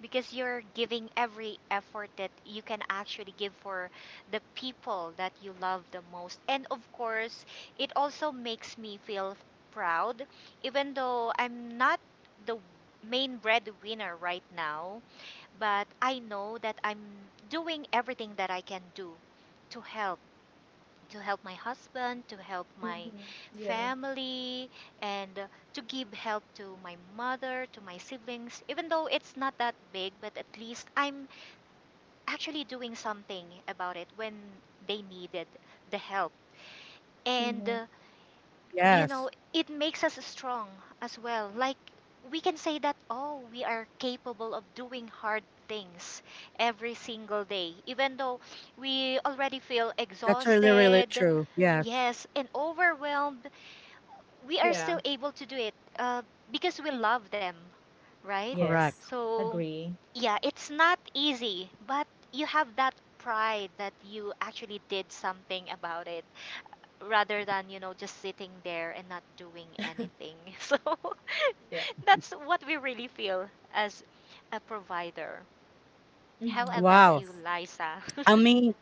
Speaker 3: because you're giving every effort that you can actually give for the people that you love the most. And of course, it also makes me feel proud, even though I'm not the main breadwinner right now. But I know that I'm doing everything that I can do to help, to help my husband, to help my
Speaker 2: Mm-hmm. Yeah.
Speaker 3: family, and to give help to my mother, to my siblings. Even though it's not that big, but at least I'm actually doing something about it when they needed the help. And
Speaker 2: Mm-hmm.
Speaker 3: you
Speaker 1: yes.
Speaker 3: know, it makes us strong as well. Like, we can say that, oh, we are capable of doing hard things every single day, even though we already feel
Speaker 1: That's really, really
Speaker 3: exhausted,
Speaker 1: true. Yes,
Speaker 3: yes, and overwhelmed. We are
Speaker 2: Yeah.
Speaker 3: still able to do it because we love them, right?
Speaker 1: correct.
Speaker 2: Yes.
Speaker 3: So,
Speaker 2: Agree.
Speaker 3: yeah, it's not easy, but you have that pride that you actually did something about it rather than, you know, just sitting there and not doing anything. [LAUGHS] So
Speaker 2: Yep.
Speaker 3: [LAUGHS] that's what we really feel as a provider.
Speaker 2: Mm-hmm.
Speaker 3: How about
Speaker 1: Wow.
Speaker 3: you,
Speaker 2: Yes.
Speaker 3: Liza?
Speaker 1: I mean,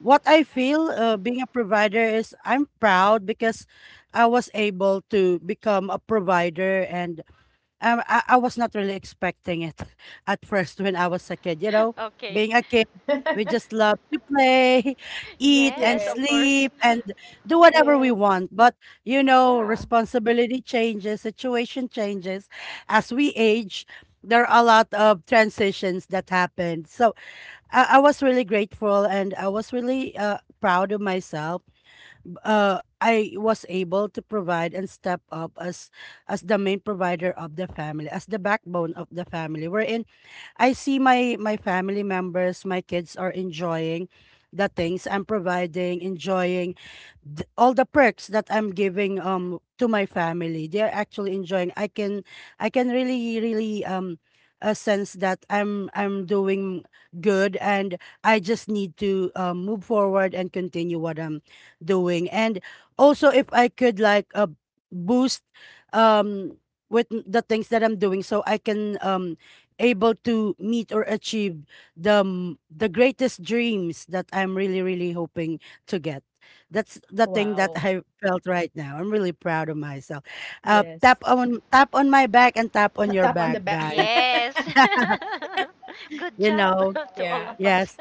Speaker 1: what I feel, being a provider, is I'm proud because I was able to become a provider, and I was not really expecting it [LAUGHS] at first when I was a kid. You know,
Speaker 3: [LAUGHS] okay.
Speaker 1: being a kid, we
Speaker 2: [LAUGHS]
Speaker 1: just love to play, [LAUGHS] eat, and
Speaker 3: Yes, of
Speaker 2: Yes,
Speaker 3: course.
Speaker 1: sleep and do whatever we
Speaker 2: yes,
Speaker 1: want. But, you know,
Speaker 2: yeah.
Speaker 1: responsibility changes, situation changes. As we age, there are a lot of transitions that happen. So, I was really grateful and I was really proud of myself. Uh, I was able to provide and step up as the main provider of the family, as the backbone of the family. Wherein I see my family members, my kids are enjoying the things I'm providing, enjoying all the perks that I'm giving to my family. They are actually enjoying. I can really really a sense that I'm doing good, and I just need to move forward and continue what I'm doing. And also, if I could, like, boost um with the things that I'm doing, so I can able to meet or achieve the greatest dreams that I'm really really hoping to get. That's the thing that
Speaker 2: Wow.
Speaker 1: I felt right now. I'm really proud of myself. Tap
Speaker 2: Yes.
Speaker 1: on tap on my back and tap
Speaker 2: [LAUGHS]
Speaker 1: on
Speaker 2: Tap
Speaker 1: your
Speaker 2: on the
Speaker 1: back,
Speaker 2: back.
Speaker 1: guys.
Speaker 2: [LAUGHS]
Speaker 3: Yes.
Speaker 1: [LAUGHS]
Speaker 3: [LAUGHS] Good
Speaker 1: you
Speaker 3: job
Speaker 1: know,
Speaker 3: [LAUGHS] to
Speaker 2: Yeah,
Speaker 3: all of us.
Speaker 1: yes.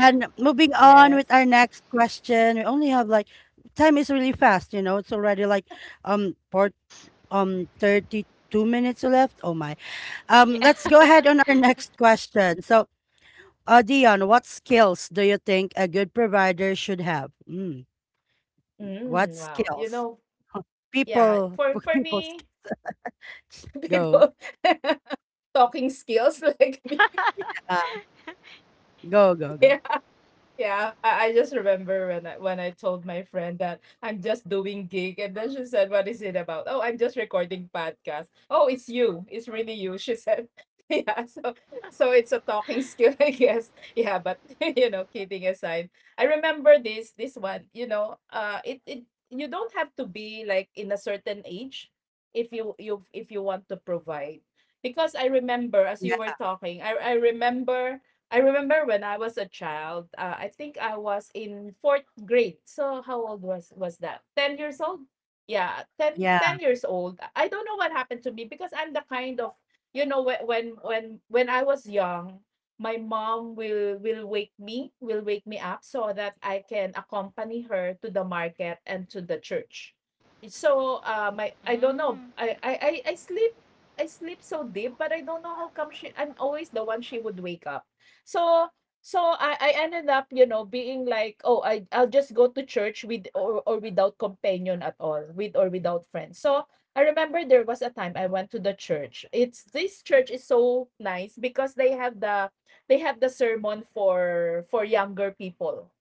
Speaker 1: And moving on
Speaker 2: yes.
Speaker 1: with our next question, we only have like, time is really fast, you know. It's already like port
Speaker 3: yes.
Speaker 1: 32 minutes left. Oh my.
Speaker 3: Yeah.
Speaker 1: Let's go ahead on our next question. So, Dion, what skills do you think a good provider should have? Mm,
Speaker 2: Mm,
Speaker 1: what
Speaker 2: wow. You
Speaker 1: skills?
Speaker 2: know, yeah,
Speaker 1: People, [LAUGHS]
Speaker 2: for
Speaker 1: people sk-
Speaker 2: me, [LAUGHS]
Speaker 1: go.
Speaker 2: people [LAUGHS] talking skills like me.
Speaker 1: Uh,
Speaker 3: [LAUGHS]
Speaker 1: go go go.
Speaker 2: [LAUGHS] Yeah, I just remember when I told my friend that I'm just doing gig, and then she said, "What is it about?" Oh, I'm just recording podcast. Oh, it's you. It's really you, she said. [LAUGHS] Yeah, so so it's a talking skill, [LAUGHS] I guess. Yeah, but [LAUGHS] you know, kidding aside, I remember this one. You know, it it, you don't have to be like in a certain age if you if you want to provide, because I remember as
Speaker 1: Yeah.
Speaker 2: you were talking, I remember I remember when I was a child, I think I was in fourth grade. So how old was that? 10 years old? Yeah, ten
Speaker 1: Yeah.
Speaker 2: ten years old. I don't know what happened to me because I'm the kind of, you know, when when I was young, my mom will wake me up so that I can accompany her to the market and to the church. So my I don't know.
Speaker 3: mm.
Speaker 2: I sleep I sleep so deep, but I don't know how come she I'm always the one she would wake up. So so I ended up, you know, being like, oh, I'll just go to church with or without companion at all, with or without friends. So I remember there was a time I went to the church. It's this church is so nice because they have the sermon for younger people.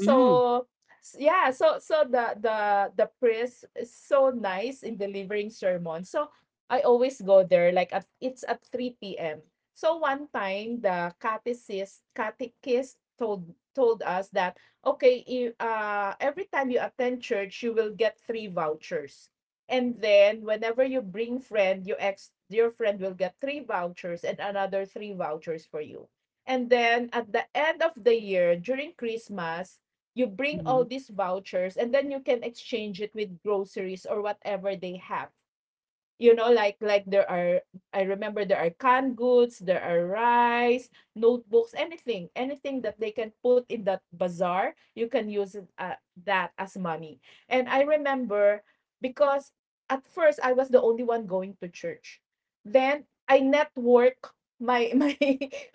Speaker 1: Mm,
Speaker 2: yeah, so so the the priest is so nice in delivering sermon. So I always go there like at it's at 3 p.m. So one time the catechist catechist told told us that, okay, if every time you attend church, you will get three vouchers, and then whenever you bring friend, your friend will get three vouchers and another three vouchers for you. And then at the end of the year during Christmas, you bring all
Speaker 1: mhm.
Speaker 2: these vouchers and then you can exchange it with groceries or whatever they have, you know, like there are, I remember there are canned goods, there are rice, notebooks, anything anything that they can put in that bazaar, you can use it, that as money. And I remember, because at first I was the only one going to church, then I network my [LAUGHS]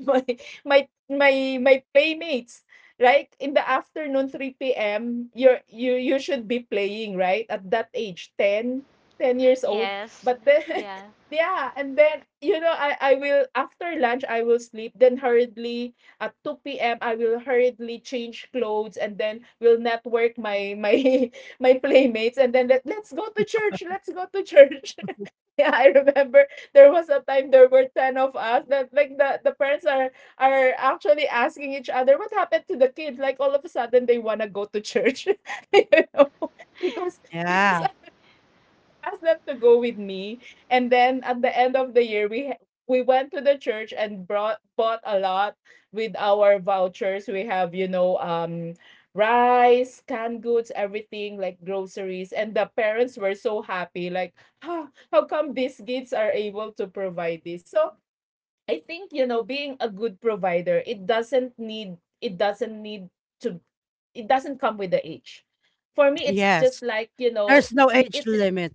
Speaker 2: my my my my playmates, like in the afternoon 3 p.m. you you should be playing, right, at that age, 10 10 years old.
Speaker 3: Yes.
Speaker 2: But then [LAUGHS]
Speaker 3: Yeah.
Speaker 2: yeah, and then, you know, I will after lunch I will sleep, then hurriedly at 2 p.m. I will hurriedly change clothes and then will network my my [LAUGHS] my playmates and then let, let's go to church, let's go to church. [LAUGHS] yeah, I remember there was a time there were 10 of us that, like, the parents are actually asking each other what happened to the kids, like all of a sudden they want to go to church. [LAUGHS] you know? [LAUGHS] Because
Speaker 1: Yeah.
Speaker 2: because asked them to go with me, and then at the end of the year, we went to the church and brought bought a lot with our vouchers. We have, you know, um, rice, canned goods, everything, like groceries, and the parents were so happy. Like, ah, how come these kids are able to provide this? So I think, you know, being a good provider, it doesn't need to it doesn't come with the age. For me, it's just
Speaker 1: Yes.
Speaker 2: like, you know,
Speaker 1: There's no
Speaker 2: y-
Speaker 1: age
Speaker 2: it
Speaker 1: limit.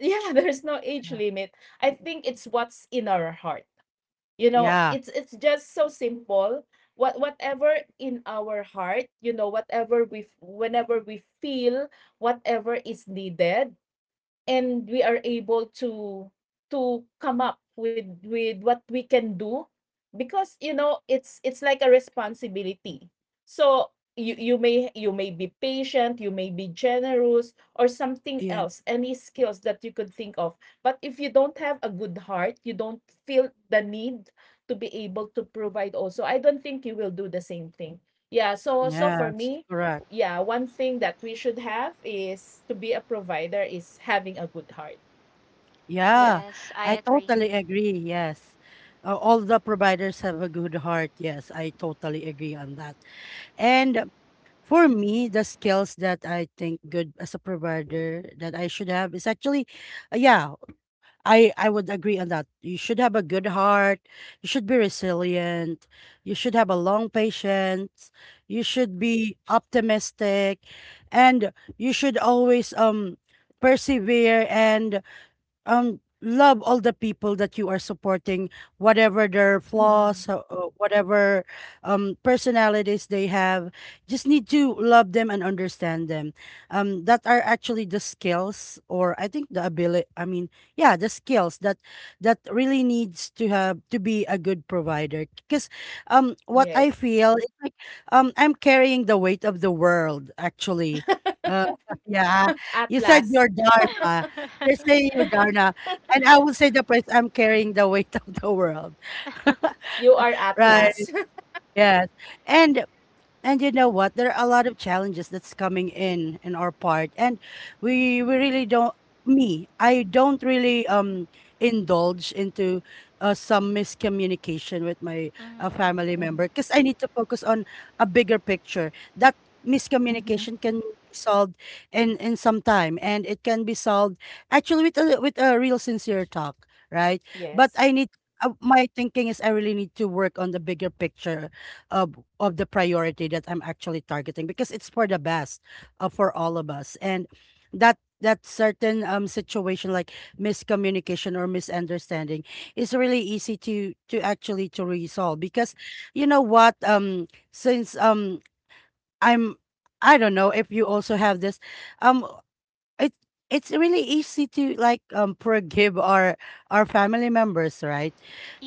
Speaker 2: yeah, [LAUGHS] there's no age
Speaker 1: Uh,
Speaker 2: limit. I think it's what's in our heart. You know,
Speaker 1: Yeah.
Speaker 2: it's just so simple. Whatever in our heart, you know, whenever we feel whatever is needed, and we are able to come up with what we can do, because, you know, it's like a responsibility. So you you may be patient, you may be generous or something
Speaker 1: Yeah.
Speaker 2: else, any skills that you could think of, but if you don't have a good heart, you don't feel the need to be able to provide also, I don't think you will do the same thing. Yeah, so so for
Speaker 1: Yes,
Speaker 2: me,
Speaker 1: correct.
Speaker 2: yeah, one thing that we should have is to be a provider is having a good heart. Yep.
Speaker 1: Yeah,
Speaker 3: Yes, I
Speaker 1: I
Speaker 3: agree.
Speaker 1: totally agree. Yes. All the providers have a good heart. Yes, I totally agree on that. And for me, the skills that I think good as a provider that I should have is actually, yeah, I would agree on that. You should have a good heart. You should be resilient. You should have a long patience. You should be optimistic, and you should always persevere and love all the people that you are supporting, whatever their
Speaker 2: Mhm.
Speaker 1: flaws, whatever personalities they have. Just need to love them and understand them. That are actually the skills, or I think the ability, I mean, yeah, the skills that that really needs to have to be a good provider, because what I
Speaker 2: Yes.
Speaker 1: feel is like, I'm carrying the weight of the world, actually. Uh, [LAUGHS] yeah.
Speaker 2: [LAUGHS] At
Speaker 1: You said
Speaker 2: last,
Speaker 1: your dharma,
Speaker 3: [LAUGHS]
Speaker 1: you're saying you, Darna, and I will say the price, I'm carrying the weight [LAUGHS] of the world,
Speaker 2: You are at
Speaker 1: right?
Speaker 2: Atlas. [LAUGHS]
Speaker 1: Yes. And and you know what? There are a lot of challenges that's coming in our part, and we really don't. Me, I don't really indulge into some miscommunication with my
Speaker 3: Mhm.
Speaker 1: family
Speaker 2: Mhm.
Speaker 1: member because I need to focus on a bigger picture. That
Speaker 2: Mhm.
Speaker 1: miscommunication can be solved in some time, and it can be solved actually with a real sincere talk, right? But
Speaker 2: Yes.
Speaker 1: I need. My thinking is I really need to work on the bigger picture of the priority that I'm actually targeting because it's for the best, for all of us. And that that certain situation like miscommunication or misunderstanding is really easy to actually to resolve, because you know what, since, I'm, I don't know if you also have this, um it, it's really easy to like forgive our family members, right?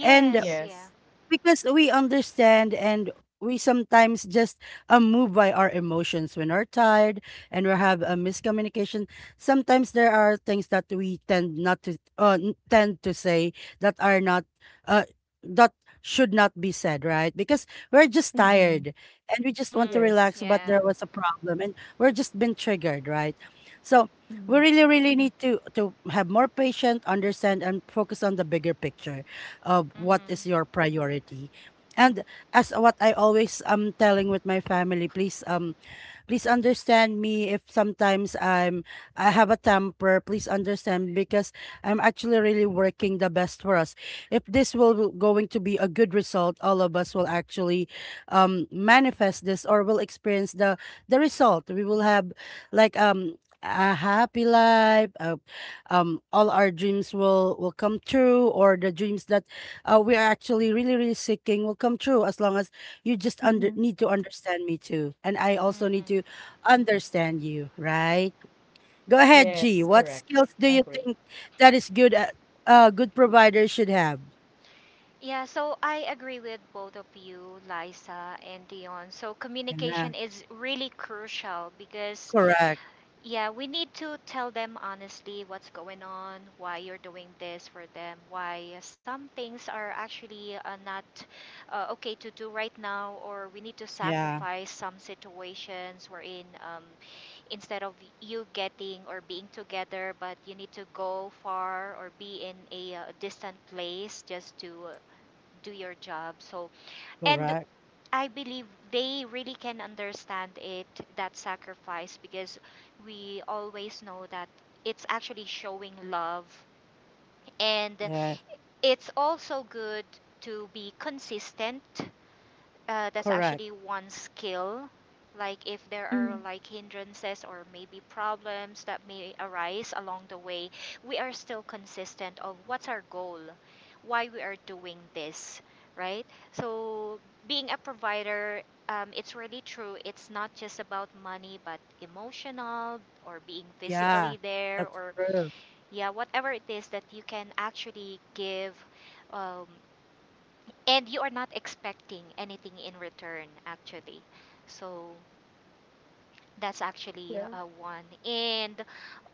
Speaker 1: And
Speaker 3: yeah.
Speaker 2: Yes.
Speaker 1: because we understand, and we sometimes just move by our emotions when we're tired and we have a miscommunication. Sometimes there are things that we tend not to, tend to say, that are not, uh, that should not be said, right? Because we're just tired
Speaker 2: Mhm.
Speaker 1: and we just want to
Speaker 3: Mhm.
Speaker 1: relax,
Speaker 2: Yes.
Speaker 1: but
Speaker 3: Yeah.
Speaker 1: there was a problem and we're just been triggered, right? So we
Speaker 2: Mhm.
Speaker 1: really, really need to have more patience, understand, and focus on the bigger picture, what
Speaker 3: Mhm.
Speaker 1: is your priority. And as what I always am telling with my family, please, please understand me if sometimes I'm, I have a temper. Please understand, because I'm actually really working the best for us. If this will going to be a good result, all of us will actually manifest this or will experience the result. We will have like a happy life, all our dreams will come true, or the dreams that we are actually really really seeking will come true, as long as you just under
Speaker 2: Mhm.
Speaker 1: need to understand me too, and I also need to
Speaker 3: Mhm.
Speaker 1: understand you, right? Go ahead,
Speaker 2: Yes,
Speaker 1: G, what
Speaker 2: correct.
Speaker 1: skills do you
Speaker 2: Agree.
Speaker 1: think that is good at, uh, good providers should have?
Speaker 3: Yeah, so I agree with both of you, Liza and Dion. So
Speaker 1: Yeah,
Speaker 3: communication is really crucial because
Speaker 1: correct.
Speaker 3: yeah, we need to tell them honestly what's going on, why you're doing this for them, why some things are actually not okay to do right now, or we need to
Speaker 1: Yeah,
Speaker 3: sacrifice some situations wherein instead of you getting or being together, but you need to go far or be in a distant place just to do your job. So and
Speaker 1: correct.
Speaker 3: I believe they really can understand it, that sacrifice, because we always know that it's actually showing love. And
Speaker 1: Yeah,
Speaker 3: it's also good to be consistent. That's
Speaker 1: correct.
Speaker 3: actually one skill. Like if there are
Speaker 2: Mhm.
Speaker 3: like hindrances or maybe problems that may arise along the way, we are still consistent of what's our goal, why we are doing this, right? So being a provider, it's really true. It's not just about money, but emotional or being
Speaker 1: Yeah,
Speaker 3: physically there
Speaker 1: that's
Speaker 3: or
Speaker 1: true.
Speaker 3: yeah, whatever it is that you can actually give. um, and you are not expecting anything in return actually. So that's actually
Speaker 2: Yeah.
Speaker 3: one. And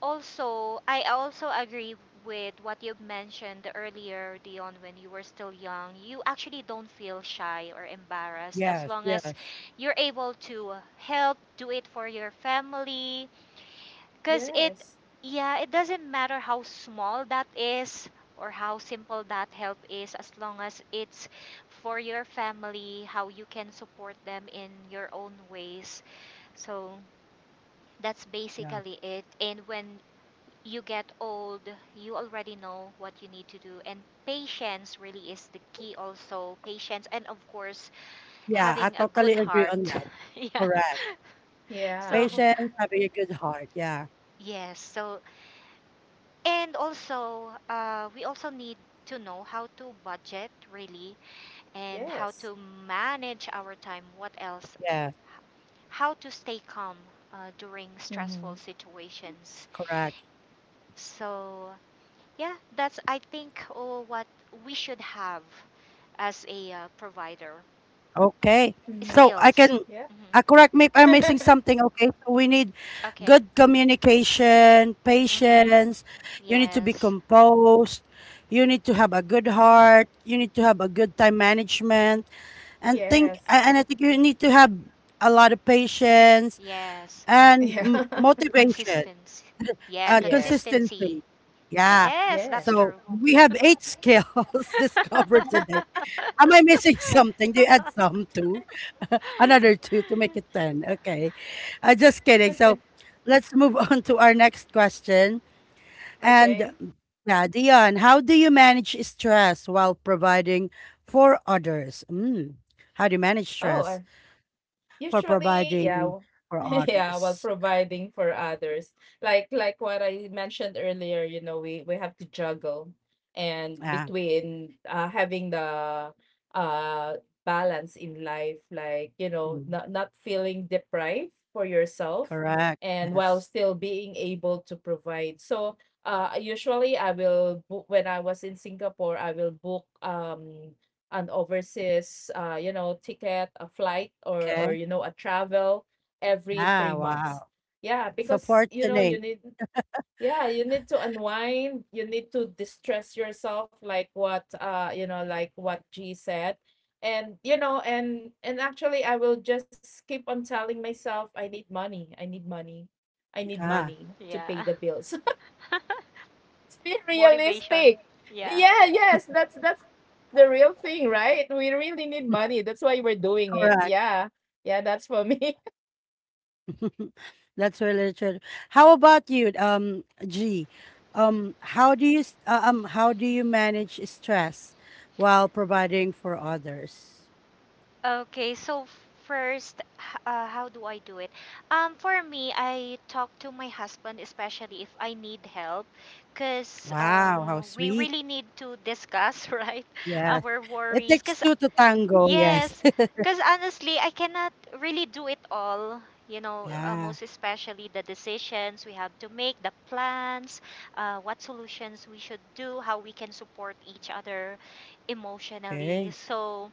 Speaker 3: also, I also agree with what you mentioned earlier, Dion, when you were still young, you actually don't feel shy or embarrassed as
Speaker 1: Yes,
Speaker 3: long as
Speaker 1: yes,
Speaker 3: you're able to help do it for your family, because
Speaker 2: Yes.
Speaker 3: yeah, it doesn't matter how small that is or how simple that help is, as long as it's for your family, how you can support them in your own ways. So that's
Speaker 1: yeah.
Speaker 3: basically it. And when you get old, you already know what you need to do. And patience really is the key, also. Patience, and of course,
Speaker 1: Yeah, I
Speaker 3: having a
Speaker 1: totally
Speaker 3: good
Speaker 1: agree on
Speaker 3: heart.
Speaker 1: that.
Speaker 3: [LAUGHS] Yeah.
Speaker 1: Correct.
Speaker 2: Yeah.
Speaker 3: So,
Speaker 1: Patience, having a good heart. Yeah.
Speaker 3: yes. So and also, we also need to know how to budget really, and how to
Speaker 2: Yes.
Speaker 3: manage our time. What else?
Speaker 1: Yeah.
Speaker 3: How to stay calm during stressful
Speaker 2: Mm-hmm.
Speaker 3: situations.
Speaker 1: Correct.
Speaker 3: So, yeah, that's I think oh, what we should have as a provider
Speaker 1: Okay.
Speaker 2: Mm-hmm.
Speaker 1: So I
Speaker 3: skills.
Speaker 1: can,
Speaker 2: Yep.
Speaker 3: hmm
Speaker 1: correct me if I'm missing
Speaker 2: [LAUGHS]
Speaker 1: something. Okay. So we need
Speaker 3: Okay.
Speaker 1: good communication,
Speaker 3: Mm-hmm.
Speaker 1: patience. You need to be
Speaker 3: Yes.
Speaker 1: composed. You need to have a good heart. You need to have a good time management. And
Speaker 2: yes.
Speaker 1: I think you need to have a lot of patience
Speaker 3: Yes.
Speaker 1: and
Speaker 2: Yeah. [LAUGHS]
Speaker 1: motivation.
Speaker 3: Consistency. Yeah,
Speaker 2: yes.
Speaker 3: consistency.
Speaker 1: Consistency. Yeah.
Speaker 3: Yes, that's
Speaker 2: Yes.
Speaker 1: So
Speaker 3: true.
Speaker 1: we have eight skills [LAUGHS] discovered today.
Speaker 2: [LAUGHS]
Speaker 3: [LAUGHS]
Speaker 1: Am I missing something? Do you add some too? [LAUGHS] Another two to make it 10. Okay. Just kidding. So let's move [LAUGHS] on to our next question. And
Speaker 2: Okay.
Speaker 1: yeah, Dion, how do you manage stress while providing for others? Mm. How do you manage
Speaker 2: Oh,
Speaker 1: stress for
Speaker 2: usually, yeah,
Speaker 1: providing for
Speaker 2: [LAUGHS] yeah, while
Speaker 1: others?
Speaker 2: providing for others. Like what I mentioned earlier, you know, we have to juggle and
Speaker 1: Yeah.
Speaker 2: between having the uh balance in life, like, you know,
Speaker 1: Mm.
Speaker 2: not not feeling deprived for yourself
Speaker 1: Correct.
Speaker 2: and while
Speaker 1: Yes.
Speaker 2: still being able to provide. So, usually I will book, when I was in Singapore, I will book, um, an overseas you know ticket, a flight, or,
Speaker 1: Okay.
Speaker 2: you know, a travel every
Speaker 1: Ah,
Speaker 2: 3 months.
Speaker 1: wow.
Speaker 2: Yeah,
Speaker 1: So
Speaker 2: because you know
Speaker 1: fortunate.
Speaker 2: you need, yeah, you need to unwind, you need to distress yourself like what, you know, like what G said. And, you know, and actually I will just keep on telling myself, I need money, I need money, I need
Speaker 1: Ah,
Speaker 2: money to pay
Speaker 3: yeah.
Speaker 2: the bills. [LAUGHS]
Speaker 3: [LAUGHS]
Speaker 2: Let's be
Speaker 3: Motivation.
Speaker 2: realistic.
Speaker 3: Yeah.
Speaker 2: Yeah, yes, that's the real thing, right? We really need money. That's
Speaker 1: [LAUGHS]
Speaker 2: why we're doing it.
Speaker 1: correct.
Speaker 2: Yeah. Yeah, that's for me.
Speaker 1: [LAUGHS] That's really true. How about you, G? How do you how do you manage stress while providing for others?
Speaker 3: Okay, so first, how do I do it? For me, I talk to my husband, especially if I need help, because
Speaker 1: Wow, how
Speaker 3: we
Speaker 1: sweet.
Speaker 3: really need to discuss, [LAUGHS] right,
Speaker 1: Yes.
Speaker 3: our
Speaker 1: It
Speaker 3: worries.
Speaker 1: takes
Speaker 3: Because
Speaker 1: two to tango, yes.
Speaker 3: yes,
Speaker 1: [LAUGHS]
Speaker 3: because honestly, I cannot really do it all. You know,
Speaker 1: Yeah.
Speaker 3: most especially the decisions we have to make, the plans, what solutions we should do, how we can support each other
Speaker 1: Okay.
Speaker 3: emotionally. So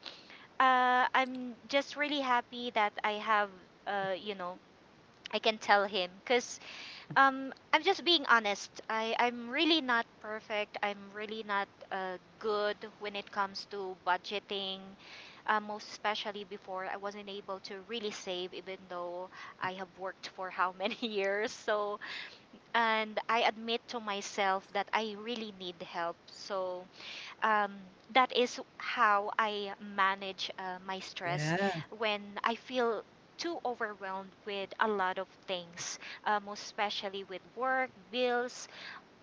Speaker 3: I'm just really happy that I have, you know, I can tell him, because I'm just being honest. I'm really not perfect. I'm really not good when it comes to budgeting. Most especially before, I wasn't able to really save, even though I have worked for how many [LAUGHS] years. So, and I admit to myself that I really need help. So, um, that is how I manage my stress
Speaker 1: Yeah.
Speaker 3: when I feel too overwhelmed with a lot of things, most especially with work, bills,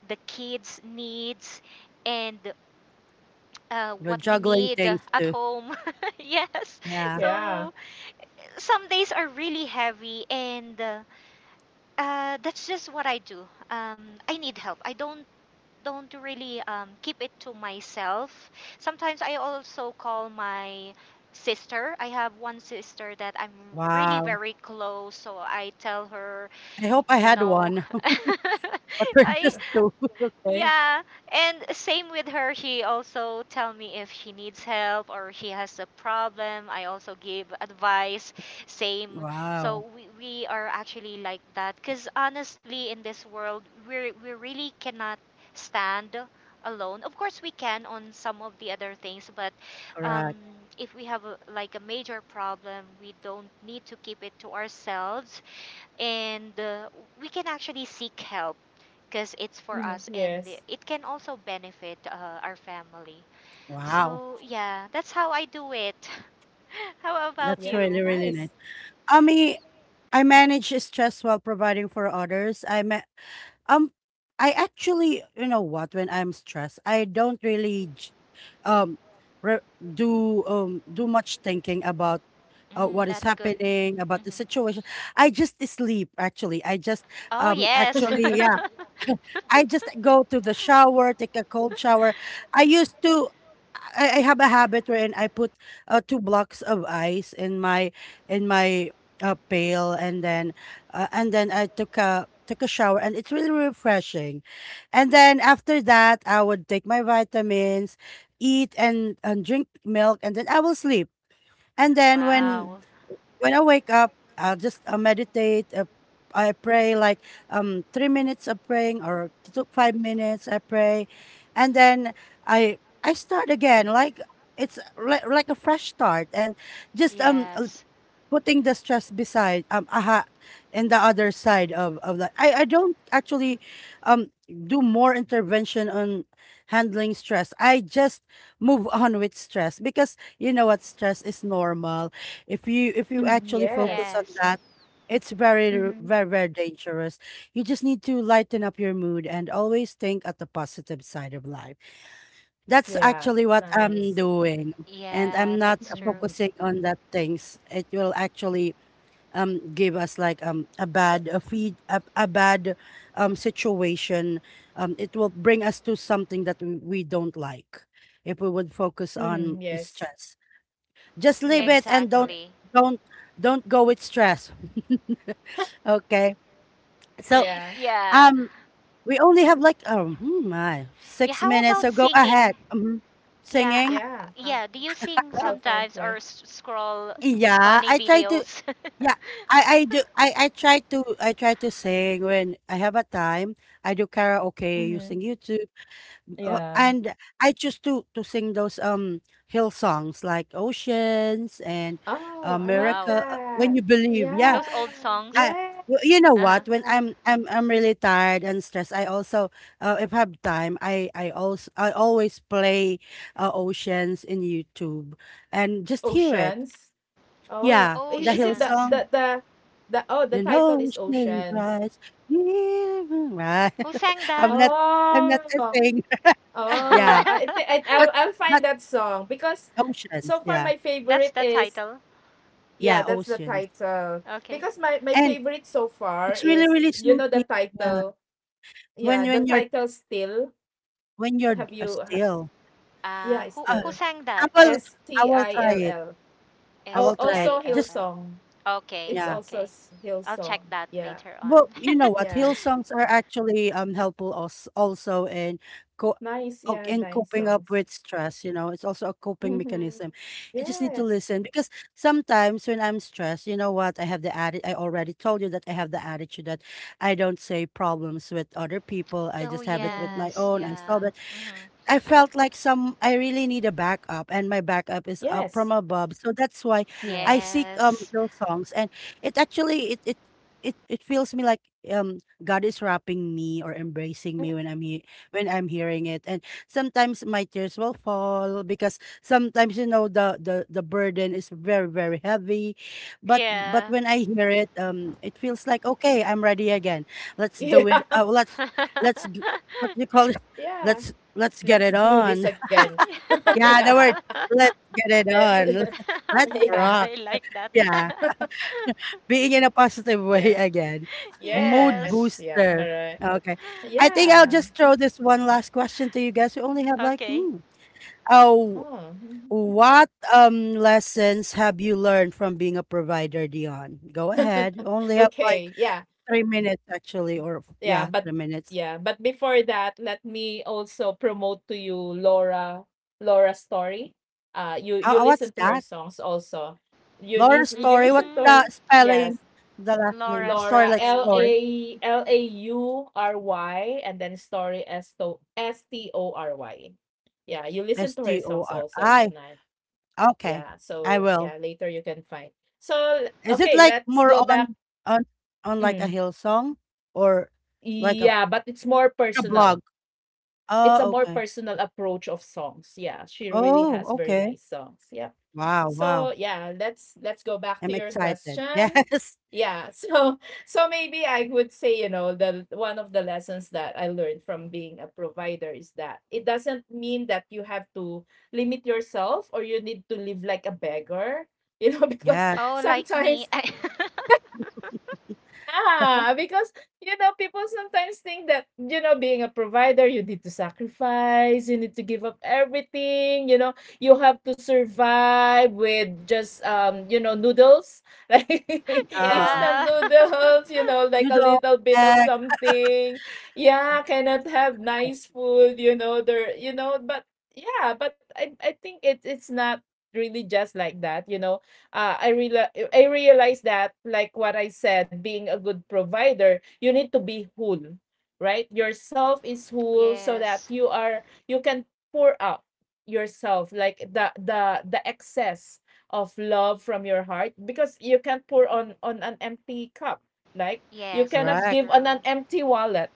Speaker 3: the kids' needs, and
Speaker 1: We're
Speaker 3: what we
Speaker 1: juggling
Speaker 3: need
Speaker 1: things
Speaker 3: at
Speaker 1: too.
Speaker 3: home. [LAUGHS] Yes.
Speaker 2: [LAUGHS]
Speaker 1: Yeah.
Speaker 2: yeah.
Speaker 3: So some days are really heavy, and that's just what I do. I need help. I don't really keep it to myself. Sometimes I also call my sister. I have one sister that I'm really
Speaker 1: Wow.
Speaker 3: very close, so I tell her,
Speaker 1: I hope I
Speaker 3: you
Speaker 1: had
Speaker 3: know,
Speaker 1: one,
Speaker 3: [LAUGHS]
Speaker 1: [LAUGHS] but we're
Speaker 3: I
Speaker 1: just two. [LAUGHS] Okay.
Speaker 3: yeah, and same with her. She also tell me if she needs help or she has a problem. I also give advice. Same.
Speaker 1: Wow.
Speaker 3: So we are actually like that because honestly, in this world, we really cannot stand alone. Of course, we can on some of the other things, but um,
Speaker 1: Correct.
Speaker 3: if we have a, like a major problem, we don't need to keep it to ourselves, and we can actually seek help because it's for
Speaker 2: Mhm.
Speaker 3: us, and
Speaker 2: Yes.
Speaker 3: it can also benefit our family.
Speaker 1: Wow,
Speaker 3: So, yeah, that's how I do it. [LAUGHS] How
Speaker 2: Yeah,
Speaker 3: about
Speaker 1: that's really,
Speaker 3: you?
Speaker 1: really
Speaker 2: nice.
Speaker 1: nice. I mean, I manage stress while providing for others. Um, I actually, you know what? When I'm stressed, I don't really, um, re- do much thinking about,
Speaker 3: Mm,
Speaker 1: what is
Speaker 3: that's good.
Speaker 1: happening about
Speaker 3: hmm
Speaker 1: the situation. I just sleep. Actually, I just
Speaker 3: Oh, yes.
Speaker 1: actually,
Speaker 3: [LAUGHS]
Speaker 1: yeah. I just go to the shower, take a cold shower. I used to, I have a habit wherein I put, two blocks of ice in my pail, and then, and then I took a shower, and it's really refreshing. And then after that I would take my vitamins, eat, and drink milk, and then I will sleep. And then
Speaker 2: Mm.
Speaker 3: Wow.
Speaker 1: when I wake up, I'll just meditate. I pray like 3 minutes of praying, or two, 5 minutes. I pray, and then I start again. Like, it's like a fresh start, and just
Speaker 3: Yes.
Speaker 1: putting the stress beside, and the other side of that, I don't actually um do more intervention on handling stress. I just move [LAUGHS] on with stress, because you know what, stress is normal. If you, if you
Speaker 2: Mhm.
Speaker 1: actually
Speaker 2: Yes.
Speaker 1: focus on
Speaker 3: Yes.
Speaker 1: that, it's very r-
Speaker 2: hmm
Speaker 1: very very dangerous. You just need to lighten up your mood and always think at the positive side of life. That's
Speaker 2: Yeah, that's
Speaker 1: actually what
Speaker 2: nice.
Speaker 1: I'm doing. And I'm
Speaker 3: Yeah,
Speaker 1: not,
Speaker 3: that's
Speaker 2: Mm-hmm.
Speaker 3: true.
Speaker 1: focusing on that things, it will actually gave us like, a bad a feed a bad, situation. It will bring us to something that we don't like if we would focus
Speaker 2: Mm,
Speaker 1: on
Speaker 2: yes.
Speaker 1: stress. Just leave
Speaker 2: Yes,
Speaker 1: it, and
Speaker 2: correct.
Speaker 3: Exactly.
Speaker 1: don't don't go with stress. [LAUGHS] okay. So
Speaker 2: Yeah.
Speaker 3: Yeah.
Speaker 1: um we only have like, oh, hmm, my
Speaker 3: Yeah,
Speaker 1: six
Speaker 3: how
Speaker 1: minutes so
Speaker 3: about
Speaker 1: go ahead.
Speaker 3: singing?
Speaker 1: Mhm.
Speaker 3: Yeah. h-
Speaker 1: Singing?
Speaker 2: Yeah. How
Speaker 3: Yeah,
Speaker 2: how
Speaker 3: do you sing
Speaker 2: how time
Speaker 3: sometimes
Speaker 2: flies.
Speaker 3: or s- scroll
Speaker 1: Yeah,
Speaker 3: funny
Speaker 1: I try to.
Speaker 3: videos? [LAUGHS]
Speaker 1: Yeah, I do. I try to, I try to sing when I have a time. I do karaoke
Speaker 2: Mm-hmm.
Speaker 1: using YouTube,
Speaker 2: Yeah.
Speaker 1: and I choose to sing those hill songs like Oceans and
Speaker 2: Oh, I like
Speaker 3: Wow.
Speaker 1: America,
Speaker 2: that.
Speaker 1: When You Believe. Yeah,
Speaker 3: Those
Speaker 2: Yeah.
Speaker 3: old
Speaker 1: I,
Speaker 3: songs.
Speaker 1: y- you know
Speaker 2: Yes.
Speaker 3: Uh-huh.
Speaker 1: what? When
Speaker 2: Yeah.
Speaker 1: I'm really tired and stressed, I also, if I have time, I always play, Oceans in YouTube, and just hear it.
Speaker 2: Oceans? Oh,
Speaker 1: Yeah,
Speaker 2: I
Speaker 1: the
Speaker 2: is
Speaker 1: hill,
Speaker 2: it the
Speaker 3: Oceans.
Speaker 2: the the oh, the
Speaker 1: then
Speaker 2: title is
Speaker 1: oceans
Speaker 2: Oceans.
Speaker 1: rise, we will rise.
Speaker 3: Who sang
Speaker 1: [LAUGHS]
Speaker 3: that?
Speaker 1: I'm not, I'm
Speaker 2: Oh,
Speaker 1: not a
Speaker 2: oh,
Speaker 1: singer. [LAUGHS] Yeah,
Speaker 2: I
Speaker 3: [LAUGHS]
Speaker 2: think I'll
Speaker 1: but
Speaker 2: I'll find
Speaker 1: but
Speaker 2: that song because so
Speaker 1: oceans,
Speaker 2: far
Speaker 1: yeah.
Speaker 2: my
Speaker 3: That's
Speaker 2: favorite
Speaker 3: the
Speaker 2: is
Speaker 3: title.
Speaker 2: yeah,
Speaker 1: Yeah,
Speaker 2: that's the
Speaker 1: oceans.
Speaker 2: title.
Speaker 3: Okay.
Speaker 2: Because my
Speaker 1: And
Speaker 2: favorite so far
Speaker 1: it's really,
Speaker 2: is,
Speaker 1: really
Speaker 2: you know, the
Speaker 1: soothing, yeah,
Speaker 2: title. Yeah, the
Speaker 1: when you're,
Speaker 2: title Still.
Speaker 1: when you're,
Speaker 2: Have you ha-
Speaker 1: still.
Speaker 2: yeah,
Speaker 3: Who
Speaker 1: Uh,
Speaker 3: who
Speaker 2: Still.
Speaker 3: sang
Speaker 1: I
Speaker 2: E-
Speaker 3: that?
Speaker 1: will,
Speaker 2: S
Speaker 1: I
Speaker 2: T
Speaker 1: will
Speaker 2: I
Speaker 1: try
Speaker 2: L
Speaker 1: it.
Speaker 2: L.
Speaker 1: I
Speaker 2: Oh,
Speaker 3: S
Speaker 1: will
Speaker 3: T
Speaker 1: try it.
Speaker 2: also
Speaker 3: I L
Speaker 1: Just
Speaker 2: Hillsong.
Speaker 3: L.
Speaker 2: It's
Speaker 3: Okay,
Speaker 1: yeah.
Speaker 2: also
Speaker 3: okay. I'll
Speaker 2: Hillsong.
Speaker 3: check that
Speaker 2: Yeah.
Speaker 3: later on.
Speaker 1: Well, you
Speaker 3: [LAUGHS]
Speaker 1: know what?
Speaker 2: Yeah.
Speaker 1: Hill songs are actually helpful us also in co
Speaker 2: Nice, yeah,
Speaker 1: in
Speaker 2: nice
Speaker 1: coping up
Speaker 2: songs.
Speaker 1: with stress, you know. It's also a coping
Speaker 2: Mhm.
Speaker 1: mechanism. You just need to
Speaker 2: Yes.
Speaker 1: listen, because sometimes when I'm stressed, you know what, I have I already told you that I have the attitude that I don't say problems with other people. I
Speaker 3: Oh
Speaker 1: just have it with
Speaker 2: Mm.
Speaker 1: my
Speaker 3: yes,
Speaker 1: own. I
Speaker 3: yeah.
Speaker 1: solve it.
Speaker 3: Mhm.
Speaker 1: I felt like some, I really need a backup, and my backup is up from
Speaker 2: Yes.
Speaker 1: above. So that's why I
Speaker 2: Yeah.
Speaker 1: seek
Speaker 3: Yes.
Speaker 1: hill songs, and it actually it feels me like, God is wrapping me or embracing
Speaker 2: Mm.
Speaker 1: me
Speaker 2: [LAUGHS]
Speaker 1: when I'm, when I'm hearing it. And sometimes my tears will fall, because sometimes you know the burden is very very heavy, but
Speaker 3: Yeah.
Speaker 1: when I hear it, it feels like, okay, I'm ready again. Let's do it.
Speaker 2: Yeah,
Speaker 1: Let's. g- What do you call it?
Speaker 3: [LAUGHS]
Speaker 1: [LAUGHS]
Speaker 2: yeah.
Speaker 1: Let's Let's get it
Speaker 2: Let's do
Speaker 1: on.
Speaker 2: this
Speaker 1: [LAUGHS]
Speaker 2: again. [LAUGHS]
Speaker 1: Yeah, the word
Speaker 2: Yeah.
Speaker 1: "let's get it
Speaker 2: Let's
Speaker 1: on."
Speaker 2: [LAUGHS]
Speaker 1: [LAUGHS] Let's
Speaker 2: yeah,
Speaker 3: [LAUGHS]
Speaker 1: rock.
Speaker 3: I like that.
Speaker 1: Yeah, being in a positive way [LAUGHS]
Speaker 2: yeah.
Speaker 1: again.
Speaker 3: [LAUGHS]
Speaker 1: Mood
Speaker 2: Yes,
Speaker 3: yes.
Speaker 2: yeah,
Speaker 1: booster.
Speaker 2: alright.
Speaker 1: Okay. I think I'll
Speaker 2: Yeah.
Speaker 1: just throw this one last question to you guys. We only have like,
Speaker 3: Okay.
Speaker 1: mm, oh,
Speaker 2: Oh.
Speaker 1: what lessons have you learned from being a provider, Dion? Go ahead.
Speaker 2: [LAUGHS]
Speaker 1: Only have like
Speaker 2: Okay, yeah.
Speaker 1: 3 minutes actually, or
Speaker 2: Yeah,
Speaker 1: yeah,
Speaker 2: but
Speaker 1: 3 minutes.
Speaker 2: yeah, but before that, let me also promote to you Laura, Laura's story. You you listen
Speaker 1: What's
Speaker 2: to her
Speaker 1: that?
Speaker 2: songs also.
Speaker 1: Laura's
Speaker 2: You
Speaker 1: story. What's
Speaker 2: listen to her.
Speaker 1: the
Speaker 3: Mm,
Speaker 1: spelling?
Speaker 2: Yes,
Speaker 1: The last name.
Speaker 3: Laura's
Speaker 1: Story
Speaker 2: Laura
Speaker 1: like
Speaker 2: L
Speaker 3: story.
Speaker 2: A
Speaker 1: story.
Speaker 2: L A U R Y and then story S to Story. Yeah, you listen
Speaker 1: S
Speaker 2: to her
Speaker 1: T O
Speaker 2: songs
Speaker 1: R
Speaker 2: also. It's
Speaker 1: I.
Speaker 2: not.
Speaker 1: Okay,
Speaker 2: Yeah,
Speaker 1: I
Speaker 2: so
Speaker 1: will.
Speaker 2: yeah, later you can find. So
Speaker 1: Is it
Speaker 2: okay,
Speaker 1: like
Speaker 2: let's
Speaker 1: more
Speaker 2: go back.
Speaker 1: on on like a
Speaker 2: Mm,
Speaker 1: hill song, or like a, like
Speaker 2: yeah, but it's more
Speaker 1: a blog?
Speaker 2: personal, it's a
Speaker 1: Oh,
Speaker 2: more
Speaker 1: okay.
Speaker 2: personal approach of songs. Yeah, she really
Speaker 1: Oh,
Speaker 2: has very
Speaker 1: okay.
Speaker 2: nice songs. Yeah.
Speaker 1: Wow,
Speaker 2: So
Speaker 1: wow.
Speaker 2: yeah, let's go back to
Speaker 1: I'm
Speaker 2: your
Speaker 1: excited. [LAUGHS]
Speaker 2: question.
Speaker 1: Yes.
Speaker 2: Yeah, so [LAUGHS] so maybe I would say, you know, the one of the lessons that I learned from being a provider is that it doesn't mean that you have to limit yourself or you need to live like a beggar, you know, [LAUGHS] because
Speaker 1: Yes.
Speaker 3: Oh, like me.
Speaker 2: sometimes,
Speaker 3: [LAUGHS]
Speaker 2: yeah, because you know, people sometimes think that, you know, being a provider, you need to sacrifice, you need to give up everything, you know, you have to survive with just, you know, noodles, [LAUGHS] like
Speaker 1: Uh,
Speaker 2: instant
Speaker 3: yeah.
Speaker 2: noodles, you know, like a
Speaker 1: noodle
Speaker 2: little bit of
Speaker 1: egg.
Speaker 2: something. Yeah, cannot have nice food, you know, there, you know, but yeah, but I think it it's not really just like that, you know. uh, I real I realize that, like what I said, being a good provider, you need to be whole, right? Yourself is whole so that
Speaker 3: [LAUGHS] yes.
Speaker 2: you can pour out yourself like the excess of love from your heart, because you can't pour on an empty cup, like you
Speaker 3: Yes, that's
Speaker 2: cannot
Speaker 1: Correct.
Speaker 2: give on
Speaker 3: true.
Speaker 2: an empty wallet.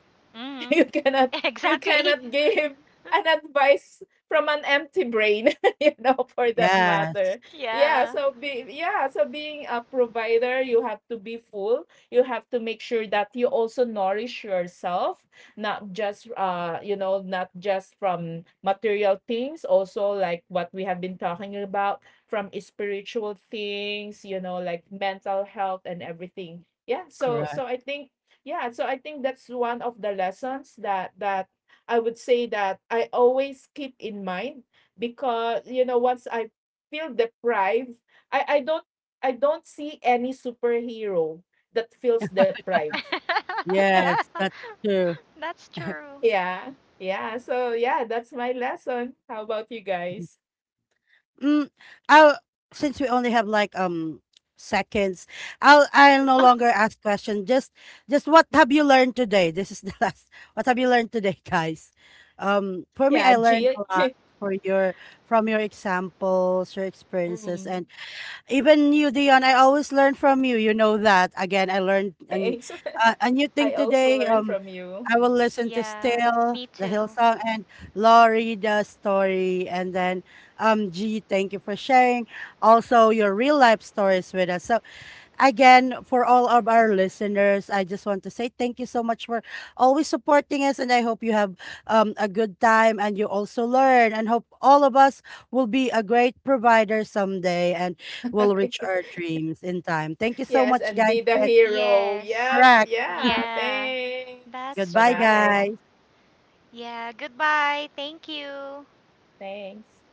Speaker 2: [LAUGHS]
Speaker 3: Mm,
Speaker 2: You
Speaker 3: [LAUGHS]
Speaker 2: cannot you
Speaker 3: exactly. [LAUGHS]
Speaker 2: cannot give an advice from an empty brain, [LAUGHS] you know, for that
Speaker 1: Yes.
Speaker 2: matter. Yeah,
Speaker 3: Yeah.
Speaker 2: so be yeah, so being a provider, you have to be full, you have to make sure that you also nourish yourself, not just, you know, not just from material things, also like what we have been talking about, from spiritual things, you know, like mental health and everything. Yeah, so
Speaker 1: Correct.
Speaker 2: so I think, yeah, so I think that's one of the lessons that that I would say that I always keep in mind, because you know once I feel deprived, I don't, I don't see any superhero that feels deprived.
Speaker 3: [LAUGHS] yeah.
Speaker 1: Yes. That's true.
Speaker 3: That's true.
Speaker 2: Yeah. Yeah, so yeah, that's my lesson. How about you guys?
Speaker 1: Mm, I'll, since we only have like seconds, I'll no
Speaker 2: [LAUGHS]
Speaker 1: longer ask questions. Just what have you learned today? This is the [LAUGHS] last. What have you learned today, guys? For me,
Speaker 2: Yeah,
Speaker 1: I
Speaker 2: Jill.
Speaker 1: learned a
Speaker 2: [LAUGHS]
Speaker 1: lot for your, from your examples, your experiences,
Speaker 2: mm.
Speaker 1: and even you, Dion, I always learn from you. You know that. Again, I learned, and,
Speaker 2: Thanks.
Speaker 1: a new
Speaker 2: [LAUGHS] I
Speaker 1: thing
Speaker 2: also
Speaker 1: today.
Speaker 2: learned from you.
Speaker 1: I will listen to
Speaker 3: Yeah.
Speaker 1: Still,
Speaker 3: Me
Speaker 1: the
Speaker 3: too.
Speaker 1: Hillsong, and Laurie, the story. And then, G, thank you for sharing also your real life stories with us. So again, for all of our listeners, I just want to say thank you so much for always supporting us, and I hope you have, a good time and you also learn, and hope all of us will be a great provider someday, and will reach our
Speaker 2: [LAUGHS]
Speaker 1: dreams in time. Thank you so
Speaker 2: Yes,
Speaker 1: much,
Speaker 2: and
Speaker 1: guys.
Speaker 2: be the
Speaker 1: And
Speaker 2: hero.
Speaker 3: Yes.
Speaker 2: Yep,
Speaker 1: correct.
Speaker 2: yeah,
Speaker 3: Yeah,
Speaker 2: thanks.
Speaker 3: that's
Speaker 1: Goodbye,
Speaker 3: true.
Speaker 2: Bye-bye.
Speaker 1: guys.
Speaker 3: Yeah, goodbye. Thank you.
Speaker 2: Thanks.